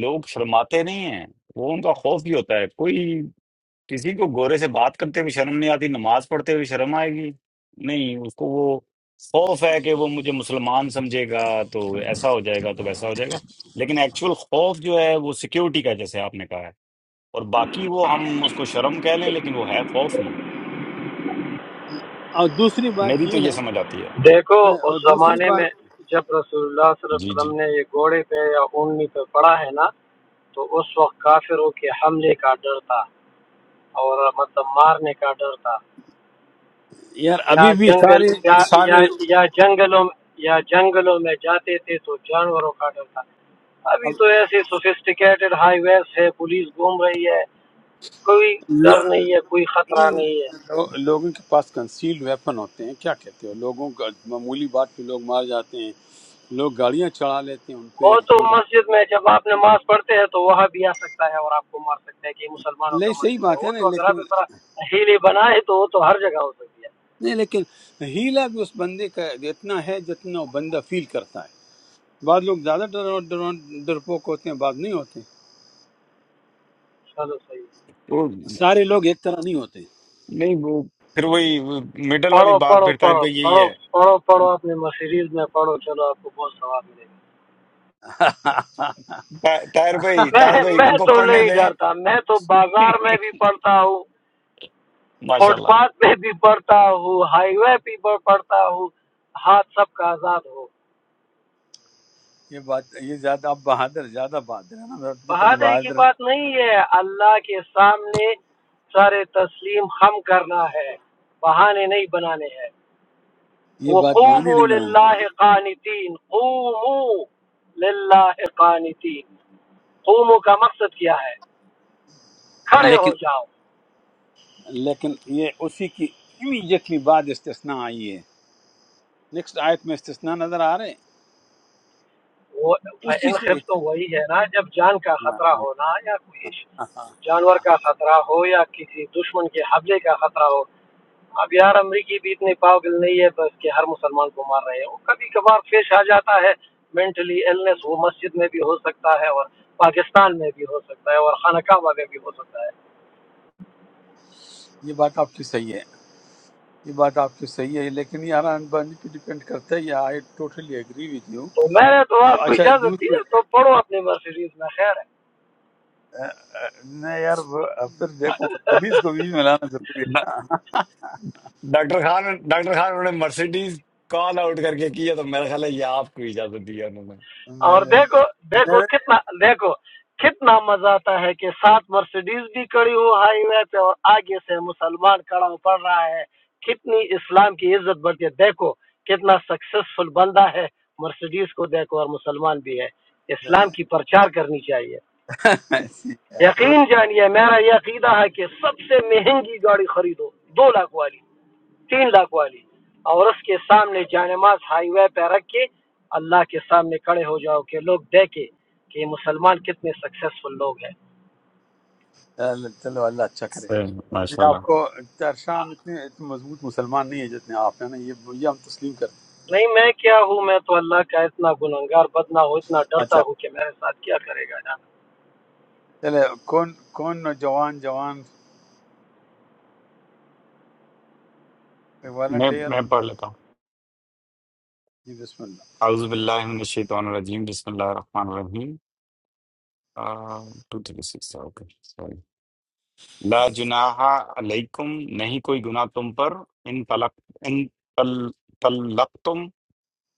لوگ شرماتے نہیں ہیں وہ ان کا خوف بھی ہوتا ہے کوئی کسی کو گورے سے بات کرتے ہوئے شرم نہیں آتی نماز پڑھتے ہوئے شرم آئے گی نہیں اس کو وہ خوف ہے کہ وہ مجھے مسلمان سمجھے گا تو ایسا ہو جائے گا تو ویسا ہو جائے گا لیکن ایکچول خوف جو ہے وہ سیکیورٹی کا ہے، جیسے آپ نے کہا ہے اور باقی وہ ہم اس کو شرم کہہ لیں لیکن وہ ہے خوف ہی
اور دوسری بات
میری تو
یہ
یہ
ہے
سمجھ آتی ہے
دیکھو
نہیں،
اس
اور دوسری
زمانے میں
بات
جب رسول اللہ صلی اللہ علیہ
جی جی
وسلم نے یہ گھوڑے پہ یا اونی پہ پڑا ہے نا تو اس وقت کافروں کے حملے کا ڈر تھا اور مطلب مارنے کا ڈر تھا
یار
یا
ابھی بھی
جنگل
سارے
یا یا
سارے
یا جنگلوں یا جنگلوں میں جاتے تھے تو جانوروں کا ڈر تھا ابھی
اب
تو ایسے سوفسٹیکیٹڈ ہائی ویز ہے پولیس گھوم رہی ہے کوئی ڈر
لو-
نہیں ہے کوئی خطرہ نہیں ہے
لو- لوگوں کے پاس کنسیلڈ ویپن ہوتے ہیں کیا کہتے ہو لوگوں کا معمولی بات پہ لوگ مار جاتے ہیں لوگ گاڑیاں چڑھا لیتے ہیں ان پہ
وہ تو مسجد میں جب آپ نماز پڑھتے ہیں تو وہاں بھی آ سکتا ہے اور آپ کو مار سکتا ہے کہ یہ مسلمانوں کا
نہیں صحیح
مسجد ہے
بات
وہ
ہے نا
تو اگر
لیکن
آپ اس طرح ہیلے بنائے تو وہ تو ہر جگہ ہو سکتی ہے
نہیں لیکن ہیلا بھی اس بندے کا اتنا ہے جتنا وہ بندہ فیل کرتا ہے بعض لوگ زیادہ ڈر ڈر- ڈرپوک ہوتے ہیں بعض نہیں ہوتے
چلو صحیح
سارے لوگ ایک طرح نہیں ہوتے
نہیں وہ پھر وہی مڈل والی
پڑھو
بات
پڑھو
پھر طاہر
پڑھو
بھائی یہی
پڑھو
ہے
پڑھو پڑھو اپنے مسیریز میں پڑھو چلو آپ کو بہت ثواب ملے گا
طا- طاہر بھائی طاہر
میں
بھائی
میں
ان کو
تو
پڑھنے
نہیں
دیں
ڈرتا میں تو بازار میں بھی پڑھتا ہوں
ماشاء
فٹ
اللہ
پاتھ پہ بھی پڑھتا ہوں ہائی وے پہ بھی پڑھتا ہوں ہاتھ سب کا آزاد ہو
یہ بات یہ زیادہ آپ بہادر زیادہ بہادر ہے نا میں آپ کی طرح
بہادری کی
بہادر ہے،
بات نہیں ہے اللہ کے سامنے سارے تسلیم خم کرنا ہے بہانے نہیں بنانے ہیں
یہ بات بہانے
وقوموا
نہیں
للہ
بنانا
قانتین قوموا للہ قانتین قوموا کا مقصد کیا ہے کھڑے
لیکن
ہو جاؤ
لیکن یہ اسی کی امیڈیٹلی بعد استثناء آئی ہے نیکسٹ آیت میں استثناء نظر آ رہے ہیں
وہ
اسی
ان
سے
خفت تو وہی ہے نا جب جان کا خطرہ ہونا یا کوئی جانور کا خطرہ ہو یا کسی دشمن کے حملے کا خطرہ ہو اب یار امریکی بھی اتنے پاگل نہیں ہے بس کہ ہر مسلمان کو مار رہے ہو کبھی کبھار پیش آ جاتا ہے مینٹلی ایلنس وہ مسجد میں بھی ہو سکتا ہے اور پاکستان میں بھی ہو سکتا ہے اور خانہ کعبہ میں بھی ہو سکتا ہے
یہ بات آپ کی صحیح ہے یہ بات آپ کی صحیح ہے لیکن یہ آران بندی پہ ڈیپینڈ کرتا ہے یہ I totally agree with you
تو میں نے تو آپ کو
اچھا
اجازت دی
دوسرے
ہے تو پڑھو اپنی مرسیڈیز میں خیر ہے
اہ، اہ، نہیں یار وہ- پھر دیکھو مرسڈیز کو بھی ملانا ضروری ہے
ڈاکٹر خان ڈاکٹر خان انہوں نے مرسیڈیز کال آؤٹ کر کے کیا تو میرا خیال ہے یہ آپ کو اجازت دی ہے انہوں نے
اور
میرے
دیکھو دیکھو
میرے
کتنا دیکھو کتنا مزہ آتا ہے کہ سات مرسیڈیز بھی کڑی ہو ہائی وے پہ اور آگے سے مسلمان کڑا ہو پڑ رہا ہے کتنی اسلام کی عزت بڑھتی ہے دیکھو کتنا سکسیسفل بندہ ہے مرسیڈیز کو دیکھو اور مسلمان بھی ہے اسلام کی پرچار کرنی چاہیے یقین جانیے میرا یہ عقیدہ ہے کہ سب سے مہنگی گاڑی خریدو دو لاکھ والی تین لاکھ والی اور اس کے سامنے جانماز ہائی وے پہ رکھ کے اللہ کے سامنے کھڑے ہو جاؤ کہ لوگ دیکھے کہ یہ مسلمان کتنے سکسیسفل لوگ ہیں
چلو اللہ اچھا کرے
صحیح، ماشاء
یہ آپ
اللہ
کو شام اتنے اتنے مضبوط مسلمان نہیں ہے جتنے آپ ہیں نا یہ یہ ہم تسلیم کرتے ہیں
نہیں میں کیا ہوں میں تو اللہ کا اتنا گنہگار بدنا ہوں اتنا ڈرتا
اچھا
ہوں کہ میرے ساتھ کیا کرے گا
چلے کون کون نوجوان جوان
میں
والنٹیئر
میں پڑھ لیتا ہوں
جی بسم اللہ
اعوذ باللہ من الشیطان الرجیم بسم اللہ الرحمن الرحیم two three six okay sorry لا جناح علیکم نہیں کوئی گناہ تم پر ان طلق ان طلق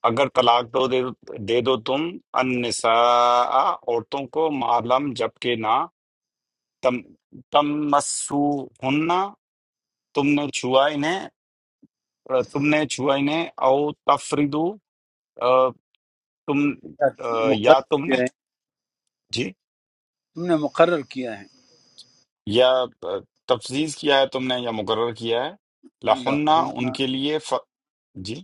اگر طلاق دو دے, دے دو تم النساء عورتوں کو معلم جبکہ نہ تم تم مسو تم نے چھوا انہیں تم نے چھوا انہیں او تفریدو تم آ، یا
مقرر
تم نے
کیا ہے
جی
ہم نے مقرر کیا ہے
یا آ، تفزیز کیا ہے تم نے یا مقرر کیا ہے لہن ان
اللہ
کے لیے ف... جی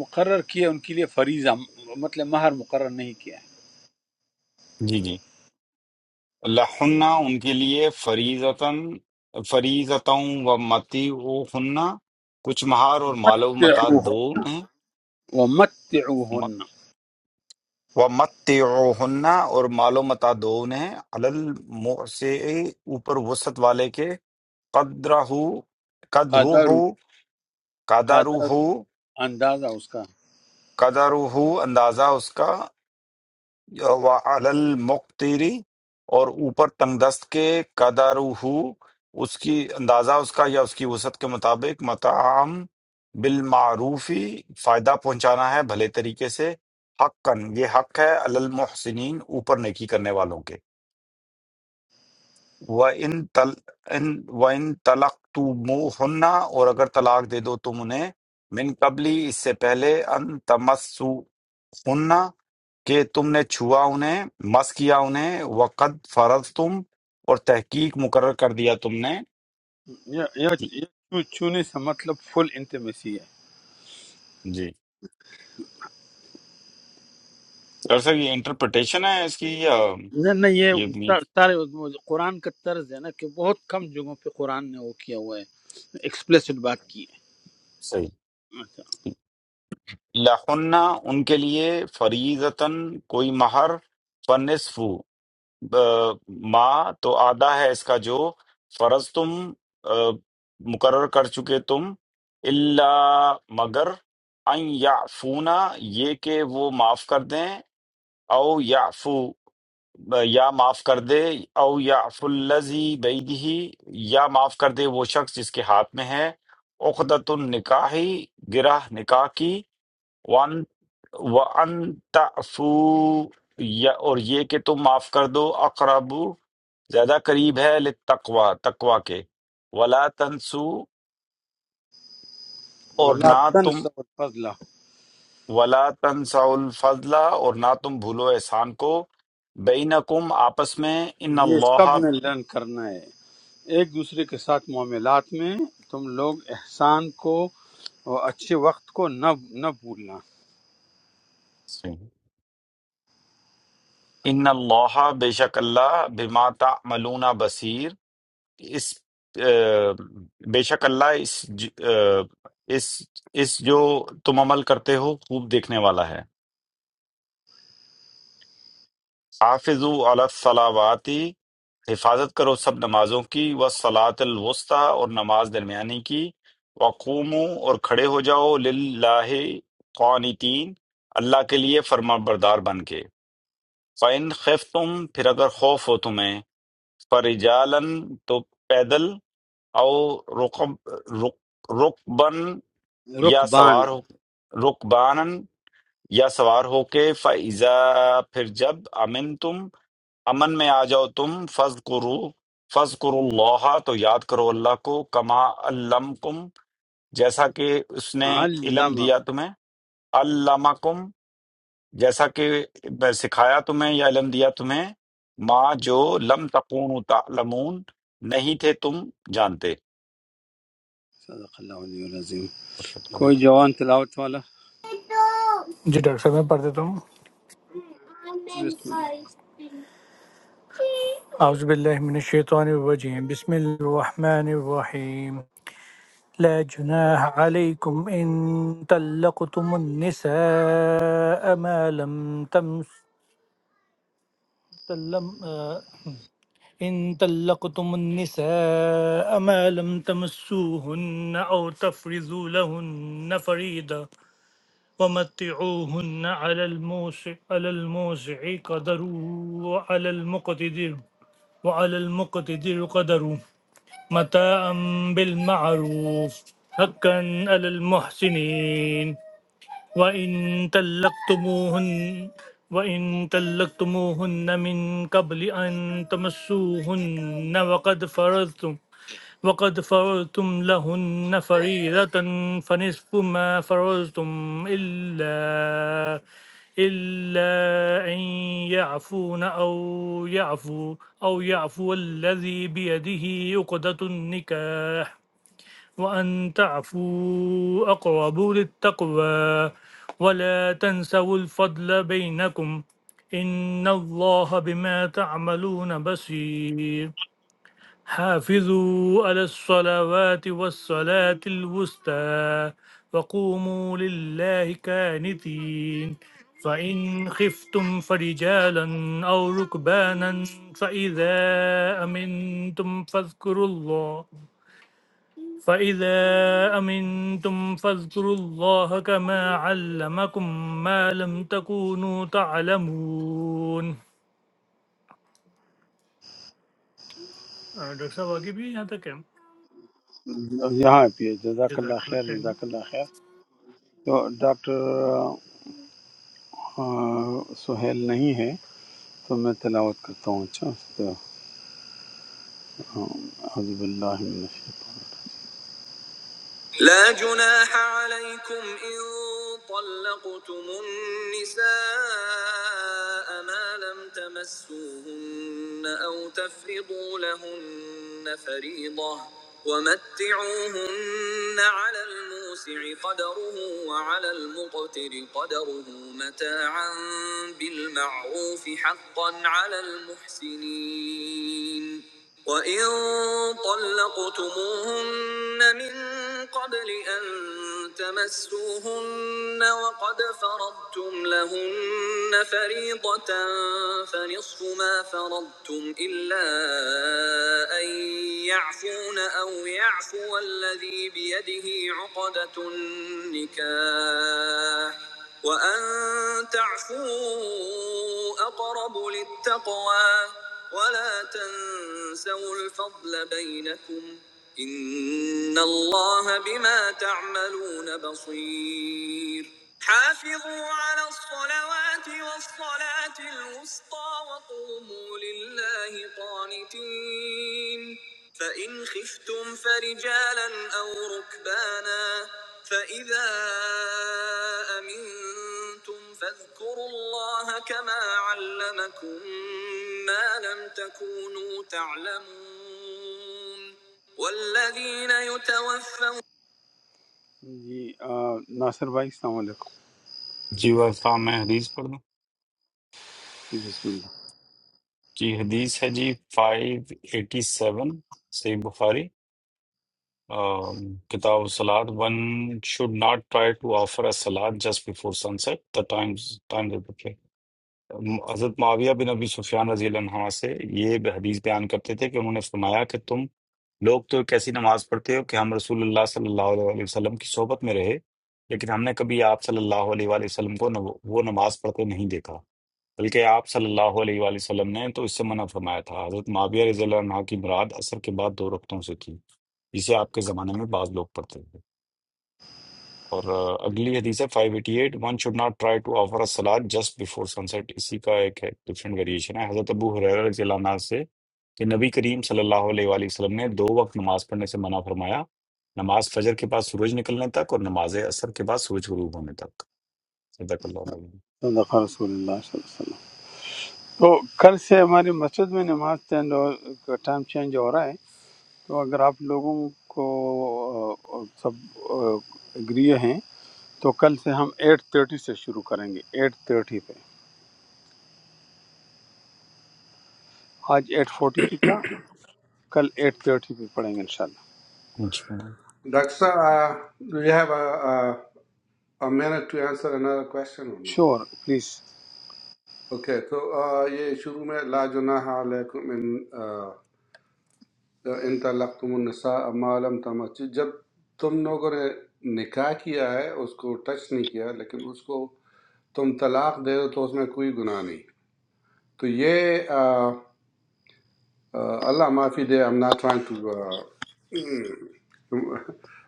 مقرر کیا ان کے لیے فریضہ مطلب مہر مقرر نہیں کیا ہے
جی جی لہن ان کے لیے فریضتاً فریضتوں و متی کچھ مہار اور مال و متا دو
متعوہن
انہیں
ومتعوہن
و متی اور مال و متا دو انہیں الم سے اوپر وسط والے کے قدر ہو قدر
قادر
ہو قدر
قادر
ہو
اندازہ اس کا
قدر ہو اندازہ اس کا وعلی المقتری اور اوپر تنگ دست کے قدرہ اس کی اندازہ اس کا یا اس کی وسعت کے مطابق مطعم بالمعروفی فائدہ پہنچانا ہے بھلے طریقے سے حقاً یہ حق ہے علی المحسنین اوپر نیکی کرنے والوں کے وَإِن تل ان وَإِن طَلَقْتُمُوهُنَّ اور اگر طلاق دے دو تم انہیں من قبلی اس سے پہلے ان سننا کہ تم نے چھوا انہیں مس کیا انہیں وقد فرض تم اور تحقیق مقرر کر دیا تم نے
یہ یہ- یہ چھو- چھونے سے مطلب فل انٹیمیسی ہے
جی سر سر یہ انٹرپریٹیشن ہے اس کی یا
نہیں نہیں، یہ
یہ بھی
سا- سارے وہ قرآن کا طرز ہے نا کہ بہت کم جگہوں پہ قرآن نے وہ کیا ہوا ہے ایکسپلیسٹ بات کی
صحیح
ہے اچھا
لہن ان کے لیے فریضتاً کوئی مہر فنصف آ، ما تو آدھا ہے اس کا جو فرض تم آ، مقرر کر چکے تم اللہ مگر ان یعفونا یہ کہ وہ معاف کر دیں او یعفو یا معاف کر دے او یعفو الذی بیدہ یا معاف کر دے وہ شخص جس کے ہاتھ میں ہے عقدۃ النکاح گرہ نکاح کی وان وان تعفو یا اور یہ کہ تم معاف کر دو اقرب زیادہ قریب ہے للتقوی تقوی کے ولا تنسو اور
ولا
نہ تم
تنس الفضل
ولا تنسوا الفضل اور نہ تم بھولو احسان کو بینکم آپس میں ان
یہ سب
اللہ
نے لرن کرنا ہے ایک دوسرے کے ساتھ معاملات میں تم لوگ احسان کو اور اچھے وقت کو نہ نہ بھولنا
صحیح۔ ان اللہ بے شک اللہ بما تعملون بصیر اس اہ، بے شک اللہ اس ج- اہ، اس اس جو تم عمل کرتے ہو خوب دیکھنے والا ہے حافظ علی الصلاواتی حفاظت کرو سب نمازوں کی و صلاۃ الوسطی اور نماز درمیانی کی وقومو اور کھڑے ہو جاؤ للہ قانتین اللہ کے لیے فرما بردار بن کے فَإِنْ خِفْتُمْ پھر اگر خوف ہو تمہیں فرجالن تو پیدل او رقب رق- رقبن یا
رکبان
سوار ہو رقبانن یا سوار ہو کے فیضا پھر جب امن تم امن میں آ جاؤ تم فض کرو فض کرو اللہ تو یاد کرو اللہ کو کما علمکم جیسا کہ اس نے علم
علم
دیا تمہیں علمکم جیسا کہ میں سکھایا تمہیں یا علم دیا تمہیں ماں جو لم تکون تعلمون نہیں تھے تم جانتے
صدق اللہ علیہ العظیم
استغفر اللہ العظیم۔
کوئی جوان تلاوت والا
جی ڈاکٹر صاحب میں پڑھ دیتا ہوں
بسم
اعوذ باللہ من الشیطان الرجیم بسم اللہ الرحمن الرحیم لا جناح علیکم ان طلقتم النساء ما لم تمس لم إن طلقتم النساء ما لم تمسوهن أو تفرضوا لهن فريضة ومتعوهن على الموسع على الموسع قدره وعلى المقتدر وعلى المقتدر قدره متاعا بالمعروف حقا على المحسنين وإن طلقتموهن وإن طلقتموهن من قبل أن تمسوهن وقد فرضتم وقد فرضتم لهن فريضة فنصف ما فرضتم إلا إلا أن يعفون أو يعفو أو يعفو الذي بيده عقدة النكاح وأن تعفوا أقرب للتقوى ولا تنسوا الفضل بينكم إن الله بما تعملون بصير حافظوا على الصلوات والصلاة الوسطى وقوموا لله كانتين فإن خفتم فرجالا أو ركبانا فإذا أمنتم فاذكروا الله فَإِذَا أَمِنْتُمْ فَاذْكُرُوا اللَّهَ كَمَا عَلَّمَكُم مَّا لَمْ تَكُونُوا تَعْلَمُونَ آ، ڈاکٹر صاحب آگے بھی ہیں یہاں تک ہے
اللہ یہاں پہ ہے۔ جزاک اللہ
جزاک
خیر
اللہ خیر
جزاک اللہ خیر تو ڈاکٹر آ، سہیل نہیں ہے تو میں تلاوت کرتا ہوں اچھا تو، آ، اعوذ باللہ من الشیطان جی آ، ناصر بھائی السلام علیکم
جی وفا میں حدیث پڑھ دوں
جی بسم اللہ
جی حدیث ہے جی فائیو ایٹی سیون صحیح بخاری آم، کتاب سلاد one should not try to offer a سلاد just before sunset the times time حضرت معاویہ بن ابی سفیان رضی اللہ عنہ سے یہ حدیث بیان کرتے تھے کہ انہوں نے فرمایا کہ تم لوگ تو ایک ایسی نماز پڑھتے ہو کہ ہم رسول اللہ صلی اللہ علیہ وآلہ وسلم کی صحبت میں رہے لیکن ہم نے کبھی آپ صلی اللہ علیہ وآلہ وسلم کو نو- وہ نماز پڑھتے نہیں دیکھا بلکہ آپ صلی اللہ علیہ وآلہ وسلم نے تو اس سے منع فرمایا تھا حضرت معاویہ رضی اللہ عنہ کی مراد اثر کے بعد دو رکعتوں سے تھی جسے آپ کے زمانے میں بعض لوگ پڑھتے تھے اور آ، اگلی حدیث ہے 588 one should not try to offer a salat just before sunset اسی کا ایک ہے ڈفرینٹ ویریشن ہے حضرت ابو ہریرہ رضی اللہ عنہ سے کہ نبی کریم صلی اللہ علیہ وآلہ وسلم نے دو وقت نماز پڑھنے سے منع فرمایا نماز فجر کے بعد سورج نکلنے تک اور نماز عصر کے بعد سورج غروب ہونے تک صدق اللہ علیہ
صدق رسول اللہ صلی اللہ علیہ وسلم تو کل سے ہماری مسجد میں نماز چینج ہو- کا ٹائم چینج ہو رہا ہے تو اگر آپ لوگوں کو آ، سب اگری ہیں تو کل سے ہم ایٹ تھرٹی سے شروع کریں گے ایٹ تھرٹی پہ آج ایٹ فورٹی پہ تھا کل ایٹ تھرٹی پہ پڑھیں گے انشاءاللہ
وسلم
Dr. Sa, uh, do you have a, a, a minute to answer another question or no?
Sure please
Okay, تو uh, یہ شروع میں لا جناح علیکم ان uh, ان طلقتم النساء ما لم تمسی جب تم لوگوں نے نکاح کیا ہے اس کو ٹچ نہیں کیا لیکن اس کو تم طلاق دے دو تو اس میں کوئی گناہ نہیں تو یہ uh, Uh, Allah Mafi there, I'm not trying to. Uh, mm,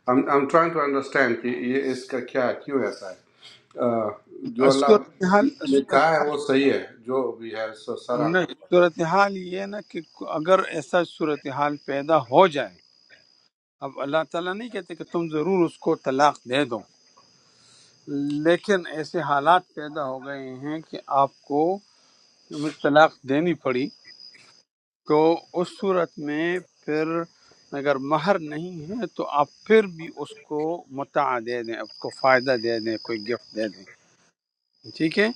I'm, I'm trying to understand کہ یہ اس کا کیا ہے، کیوں ایسا ہے Uh, جو اللہ
صورتحال
نے کہا ہے
صورتحال
وہ صحیح ہے جو بھی ہے سو سر آنکھوں
نہیں
پر
صورتحال یہ ہے نا کہ اگر ایسا صورتحال پیدا ہو جائے اب اللہ تعالیٰ نہیں کہتے کہ تم ضرور اس کو طلاق دے دو لیکن ایسے حالات پیدا ہو گئے ہیں کہ آپ کو طلاق دینی پڑی تو اس صورت میں پھر اگر مہر نہیں ہے تو آپ پھر بھی اس کو متع دے دیں اس کو فائدہ دے دیں کوئی گفٹ دے دیں ٹھیک ہے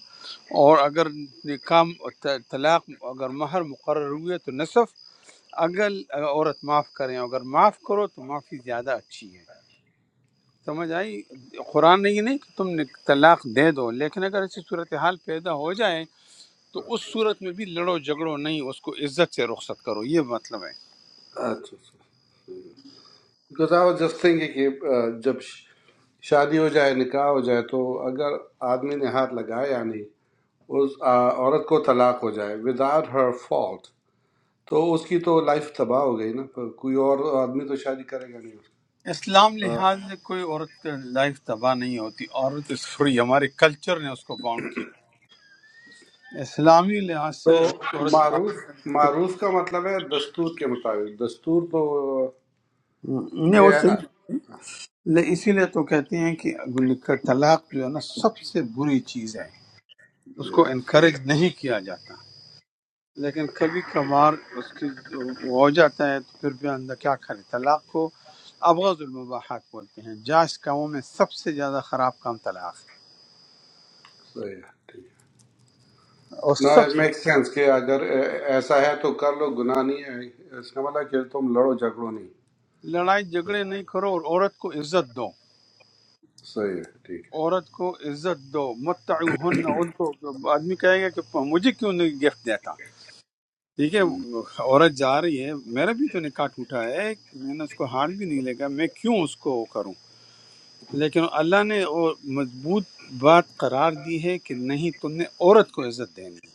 اور اگر نکاح طلاق اگر مہر مقرر ہوئی ہے تو نصف اگر عورت معاف کریں اگر معاف کرو تو معافی زیادہ اچھی ہے سمجھ آئی قرآن نے یہ نہیں کہ تم نے طلاق دے دو لیکن اگر ایسی صورتحال پیدا ہو جائے تو اس صورت میں بھی لڑو جھگڑو نہیں اس کو عزت سے رخصت کرو یہ مطلب ہے
اچھا because I was just thinking کہ uh, جب ش- شادی ہو جائے نکاح ہو جائے تو اگر آدمی نے ہاتھ لگایا یا نہیں اس uh, عورت کو طلاق ہو جائے وداؤٹ ہر فالٹ تو اس کی تو لائف تباہ ہو گئی نا پر کوئی اور آدمی تو شادی کرے گا نہیں
اسلام لحاظ سے کوئی عورت لائف تباہ نہیں ہوتی عورت اس فری ہمارے کلچر نے اس کو باؤنڈ کیا اسلامی لحاظ سے ایک
تو
عورت
معروف معروف کا مطلب ہے دستور کے مطابق دستور تو
نہیں
یہ
وہ
ہے
صحیح
نا
بات ہے۔ لے- اسی لیے تو کہتے ہیں کہ لکھ- طلاق جو ہے نا سب سے بری چیز ہے اس کو
Yeah,
انکریج نہیں کیا جاتا لیکن کبھی کبھار اس کی وہ ہو جاتا ہے تو پھر بھی اندر کیا کرے طلاق کو ابغض المباحات بولتے ہیں جائز کاموں میں سب سے زیادہ خراب کام طلاق ہے
صحیح ہے ٹھیک ہے
اور
نا
سب
اٹ
سے
میک سینس کہ اگر ایسا ہے تو کر لو گناہ نہیں ہے اس کا مطلب ہے کہ تم لڑو جھگڑو نہیں
لڑائی جھگڑے نہیں کرو اور عورت کو عزت دو
صحیح ہے ٹھیک ہے
عورت کو عزت دو متعہن ان کو آدمی کہے گا کہ مجھے کیوں نہیں گفٹ دیتا ٹھیک ہے عورت جا رہی ہے میرا بھی تو نکاح ٹوٹا ہے میں نے اس کو ہاتھ بھی نہیں لگا میں کیوں اس کو وہ کروں لیکن اللہ نے وہ مضبوط بات قرار دی ہے کہ نہیں تم نے عورت کو عزت دینی ہے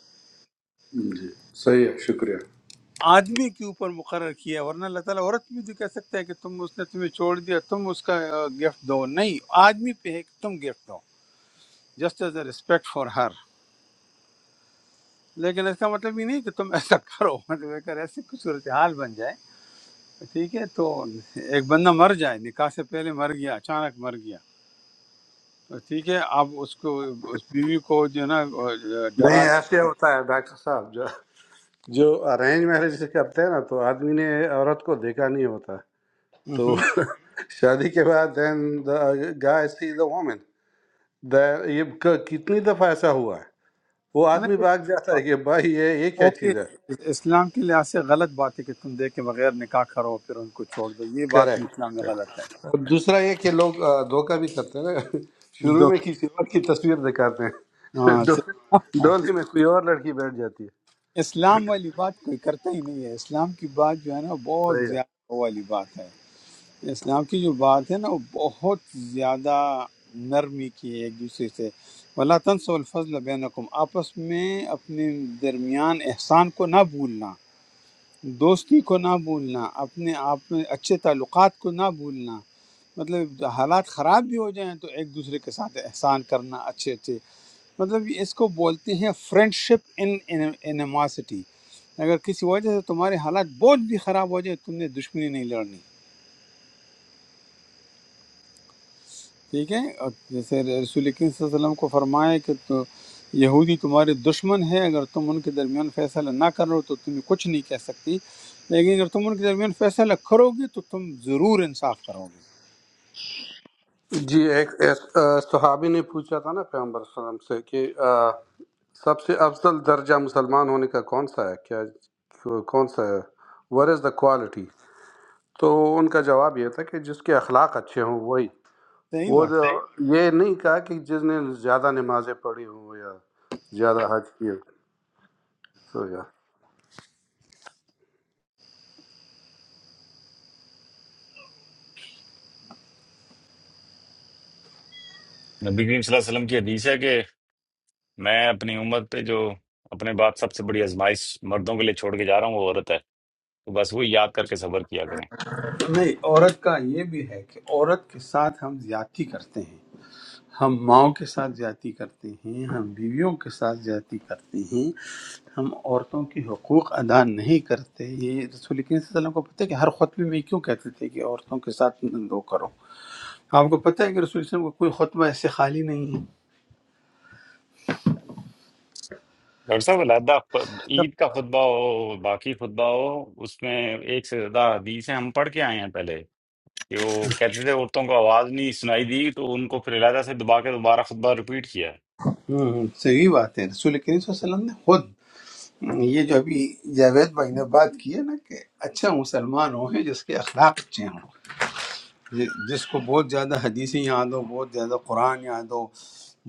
ہم، جی صحیح ہے شکریہ
آدمی کے اوپر مقرر کیا ہے، ورنہ اللہ تعالیٰ عورت بھی تو کہہ سکتا ہے کہ تم اس نے تمہیں چھوڑ دیا تم اس کا گفٹ دو نہیں آدمی پہ ہے کہ تم گفٹ دو just as a respect for her لیکن اس کا مطلب یہ نہیں کہ تم ایسا کرو مطلب اگر ایسی کوئی صورتحال بن جائے ٹھیک ہے تو ایک بندہ مر جائے نکاح سے پہلے مر گیا اچانک مر گیا تو ٹھیک ہے آپ اس کو اس بیوی کو جو ہے نا ڈرا
نہیں ایسے
دیں۔
ہوتا ہے ڈاکٹر صاحب جو جو ارینج میرج سے کرتے ہیں نا تو آدمی نے عورت کو دیکھا نہیں ہوتا تو
مہم۔
شادی کے بعد دین دا گائے سی دا دا- یہ ک- کتنی دفعہ ایسا ہوا ہے وہ
ہے نا،
آدمی بھاگ جاتا ہے کہ بھائی یہ یہ کیا
وہ بھی
چیز ہے
اسلام کے لحاظ سے غلط بات ہے کہ تم دیکھ کے بغیر نکاح کرو پھر ان کو چھوڑ دو یہ بات بھی اسلام میں
کریکٹ
غلط ہے
اور دوسرا یہ کہ لوگ آ، دھوکہ بھی کرتے ہیں نا شروع
دو
میں کسی اور کی تصویر دکھاتے ہیں پھر
ہاں
ڈو-
سے-
ڈولی میں کوئی اور لڑکی بیٹھ جاتی ہے
اسلام والی بات کوئی کرتا ہی نہیں ہے اسلام کی بات جو ہے نا بہت
صحیح
زیادہ وہ والی بات ہے اسلام کی جو بات ہے نا وہ بہت زیادہ نرمی کی ہے ایک دوسرے سے وَلَا تَنْسَوْا الْفَضْلَ بَيْنَكُمْ آپس میں اپنے درمیان احسان کو نہ بھولنا دوستی کو نہ بھولنا اپنے آپ میں اچھے تعلقات کو نہ بھولنا مطلب حالات خراب بھی ہو جائیں تو ایک دوسرے کے ساتھ احسان کرنا اچھے اچھے مطلب یہ اس کو بولتے ہیں فرینڈ شپ ان انیماسٹی اگر کسی وجہ سے تمہارے حالات بہت بھی خراب ہو جائے تم نے دشمنی نہیں لڑنی ٹھیک ہے اور جیسے رسول اکرم صلی اللہ علیہ وسلم کو فرمایا کہ تو یہودی تمہارے دشمن ہے اگر تم ان کے درمیان فیصلہ نہ کرو تو تمہیں کچھ نہیں کہہ سکتی لیکن اگر تم ان کے درمیان فیصلہ کرو گے تو تم ضرور انصاف کرو گے
ہے جی ایک ایک، آ، صحابی نے پوچھا تھا نا پیغمبر صلی اللہ علیہ وسلم سے کہ آ، سب سے افضل درجہ مسلمان ہونے کا کون سا ہے کیا کون سا ہے وٹ از دا کوالٹی تو ان کا جواب یہ تھا کہ جس کے اخلاق اچھے ہوں وہی
صحیح
وہ جو
بات ہے
یہ نہیں کہا کہ جس نے زیادہ نمازیں پڑھی ہوں یا زیادہ حج کی ہو سو یا
نبی کریم صلی اللہ علیہ وسلم کی حدیث ہے کہ میں اپنی امت پہ جو اپنے بعد سب سے بڑی آزمائش مردوں کے لیے چھوڑ کے جا رہا ہوں وہ عورت ہے تو بس وہ یاد کر کے صبر کیا کریں
نہیں عورت کا یہ بھی ہے کہ عورت کے ساتھ ہم زیادتی کرتے ہیں ہم ماؤں کے ساتھ زیادتی کرتے ہیں ہم بیویوں کے ساتھ زیادتی کرتے ہیں ہم عورتوں کے حقوق ادا نہیں کرتے یہ رسول کریم صلی اللہ علیہ وسلم کو پتہ ہے کہ ہر خطبے میں یہ کیوں کہتے تھے کہ عورتوں کے ساتھ وہ کرو آپ کو پتہ ہے کہ رسول صلی اللہ علیہ وسلم کا کوئی خطبہ ایسے خالی نہیں ہے
ڈاکٹر صاحب علیحدہ پ- عید کا خطبہ ہو باقی خطبہ ہو اس میں ایک سے زیادہ حدیث ہیں ہم پڑھ کے آئے ہیں پہلے کہ وہ کہتے تھے عورتوں کو آواز نہیں سنائی دی تو ان کو پھر علیحدہ سے دبا کے دوبارہ خطبہ ریپیٹ کیا
ہم، ہم، صحیح بات ہے رسول کریم صلی اللہ علیہ وسلم نے خود یہ جو ابھی جاوید بھائی نے بات کی ہے نا کہ اچھا مسلمان وہ ہے جس کے اخلاق اچھے ہوں جی- جس کو بہت زیادہ حدیثیں یاد ہو بہت زیادہ قرآن یاد ہو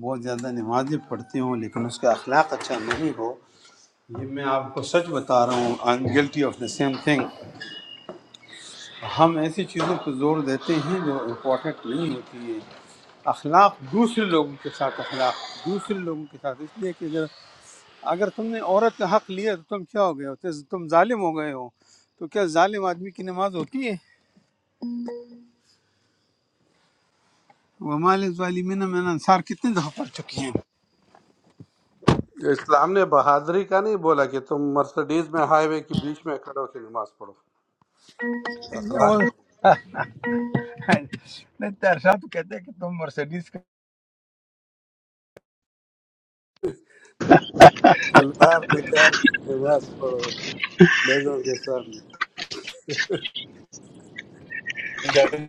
بہت زیادہ نمازیں پڑھتی ہوں لیکن اس کا اخلاق اچھا نہیں ہو یہ میں آپ کو سچ بتا رہا ہوں I am guilty of the same thing ہم ایسی چیزوں پہ زور دیتے ہیں جو امپورٹنٹ نہیں ہوتی ہے اخلاق دوسرے لوگوں کے ساتھ اخلاق دوسرے لوگوں کے ساتھ اس لیے کہ اگر اگر تم نے عورت کا حق لیا تو تم کیا ہو گئے ہو تو تم ظالم ہو گئے ہو تو کیا ظالم آدمی کی نماز ہوتی ہے ومال ظالمین میں نے انصار کتنے دفعہ پڑھ چکی ہیں
اسلام نے بہادری کا نہیں بولا کہ تم مرسڈیز میں ہائی وے کے بیچ میں کھڑے ہو کے نماز پڑھو
وہ
اخلاق کا بولا۔
نہیں طاہر صاحب تو کہتے ہیں کہ تم مرسیڈیز کا
تلوار نکال کے نماز پڑھو لوگوں کے سامنے
ڈاکٹر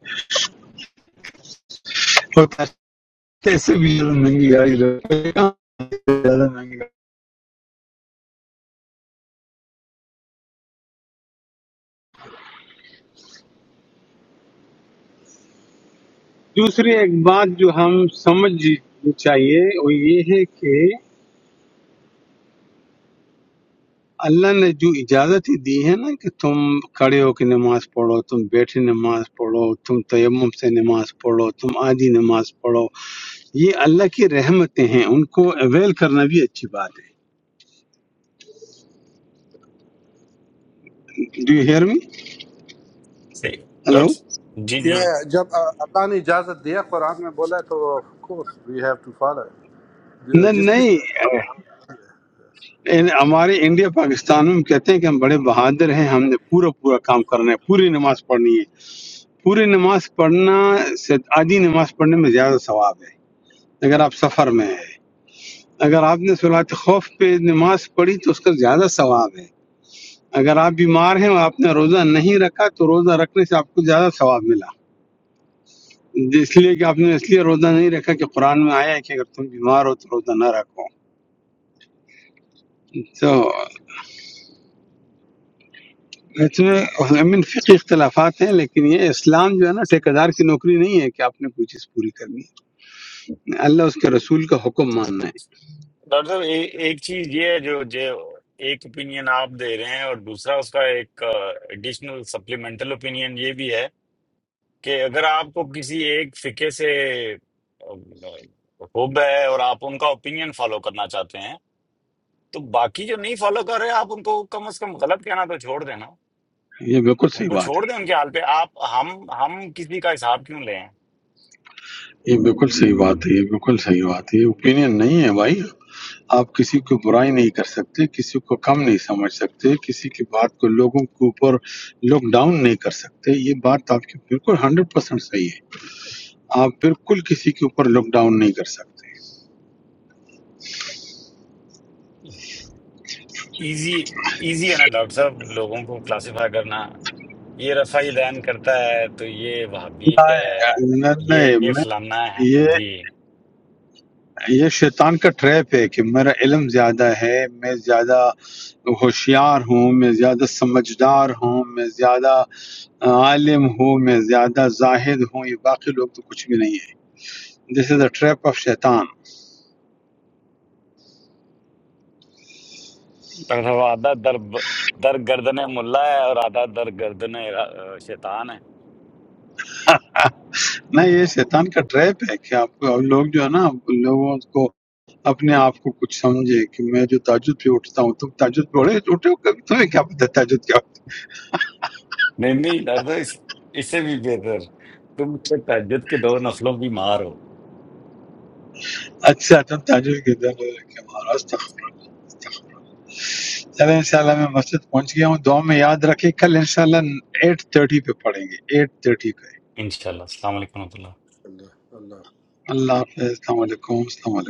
کیسے بھی زیادہ مہنگی گاڑی لو کہاں زیادہ مہنگی گاڑی دوسری ایک بات جو ہم سمجھ چاہیے وہ یہ ہے کہ اللہ نے جو اجازت ہی دی ہے نا کہ تم کھڑے ہو کے نماز پڑھو تم بیٹھے نماز پڑھو تم تیمم سے نماز پڑھو تم آدھی نماز پڑھو یہ اللہ کی رحمتیں ہیں ان کو اویل کرنا بھی اچھی بات ہے ڈو یو ہیئر می
صحیح
ہلو
ڈاکٹر صاحب- جی جی
یہ جب اللہ نے اجازت دیا قرآن میں بولا ہے تو of course we have to follow
نہ
جس چیز
نہیں
کا
ان- ہمارے انڈیا پاکستان میں ہم کہتے ہیں کہ ہم بڑے بہادر ہیں ہم نے پورا پورا کام کرنا ہے پوری نماز پڑھنی ہے پوری نماز پڑھنا سے آدھی نماز پڑھنے میں زیادہ ثواب ہے اگر آپ سفر میں ہیں اگر آپ نے صلات خوف پہ نماز پڑھی تو اس کا زیادہ ثواب ہے اگر آپ بیمار ہیں اور آپ نے روزہ نہیں رکھا تو روزہ رکھنے سے آپ کو زیادہ ثواب ملا اس لیے کہ آپ نے اس لیے روزہ نہیں رکھا کہ قرآن میں آیا ہے کہ اگر تم بیمار ہو تو روزہ نہ رکھو تو اس میں امین فقی اختلافات ہیں لیکن یہ اسلام جو ہے نا ٹھیکیدار کی نوکری نہیں ہے کہ آپ نے کوئی چیز پوری کرنی ہے اللہ اس کے رسول کا حکم ماننا ہے
ڈاکٹر صاحب اے- ایک چیز یہ ہے جو جو ایک اوپینین آپ دے رہے ہیں اور دوسرا اس کا ایک ایڈیشنل سپلیمنٹل اوپینین یہ بھی ہے کہ اگر آپ کو کسی ایک فقہ سے آ، حب ہے اور آپ ان کا اوپینین فالو کرنا چاہتے ہیں تو باقی جو نہیں فالو کر رہے آپ ان کو کم از کم غلط کہنا تو چھوڑ دینا
یہ بالکل
ان
صحیح
کو
بات
چھوڑ
ہے
دیں ان کے حال پہ آپ ہم ہم کسی کا حساب کیوں لیں
یہ بالکل صحیح بات ہے یہ بالکل صحیح بات ہے یہ اوپینین نہیں ہے بھائی آپ کسی کو برائی نہیں کر سکتے کسی کو کم نہیں سمجھ سکتے کسی کی بات کو لوگوں کے اوپر لوک ڈاؤن نہیں کر سکتے یہ بات آپ کی بالکل ہنڈریڈ پرسینٹ صحیح ہے آپ بالکل کسی کے اوپر لوک ڈاؤن نہیں کر سکتے
ایزی ایزی ہے نا ڈاکٹر صاحب لوگوں کو کلاسیفائی کرنا یہ رفعی دین کرتا ہے تو یہ وہابی ہے یہ
نہیں
یہ فلانا ہے
نہیں،
جی
یہ شیطان کا ٹریپ ہے کہ میرا علم زیادہ ہے میں زیادہ ہوشیار ہوں میں زیادہ سمجھدار ہوں میں زیادہ عالم ہوں میں زیادہ زاہد ہوں یہ باقی لوگ تو کچھ بھی نہیں ہے this is a trap of شیطان
ڈاکٹر صاحب آدھا در در گردن ملا ہے اور آدھا در گردن شیطان ہے
نہ یہ شیطان کا ٹریپ ہے کہ آپ کو لوگ جو ہے نا لوگوں کو اپنے آپ کو کچھ سمجھے کہ میں جو تاجد پہ اٹھتا ہوں تم تاجد پہ اٹھے اٹھے ہو کبھی تمہیں کیا پتہ تاجد کیا
نہیں نہیں ڈاکٹر صاحب اس اس سے بھی بہتر تم تو تہجد کے دو نسلوں کی مار ہو
اچھا تم تاجد کے در چلیں انشاءاللہ میں مسجد پہنچ گیا ہوں دعا میں یاد رکھیں کل انشاءاللہ ایٹ تھرٹی پہ پڑھیں گے ایٹ تھرٹی پہ
ইনশাল্লাহ আসসালামু আলাইকুম রহমতুল্লাহ
بھی سمجھے۔ اللہ
اللہ حافظ السلام علیکم السلام علیکم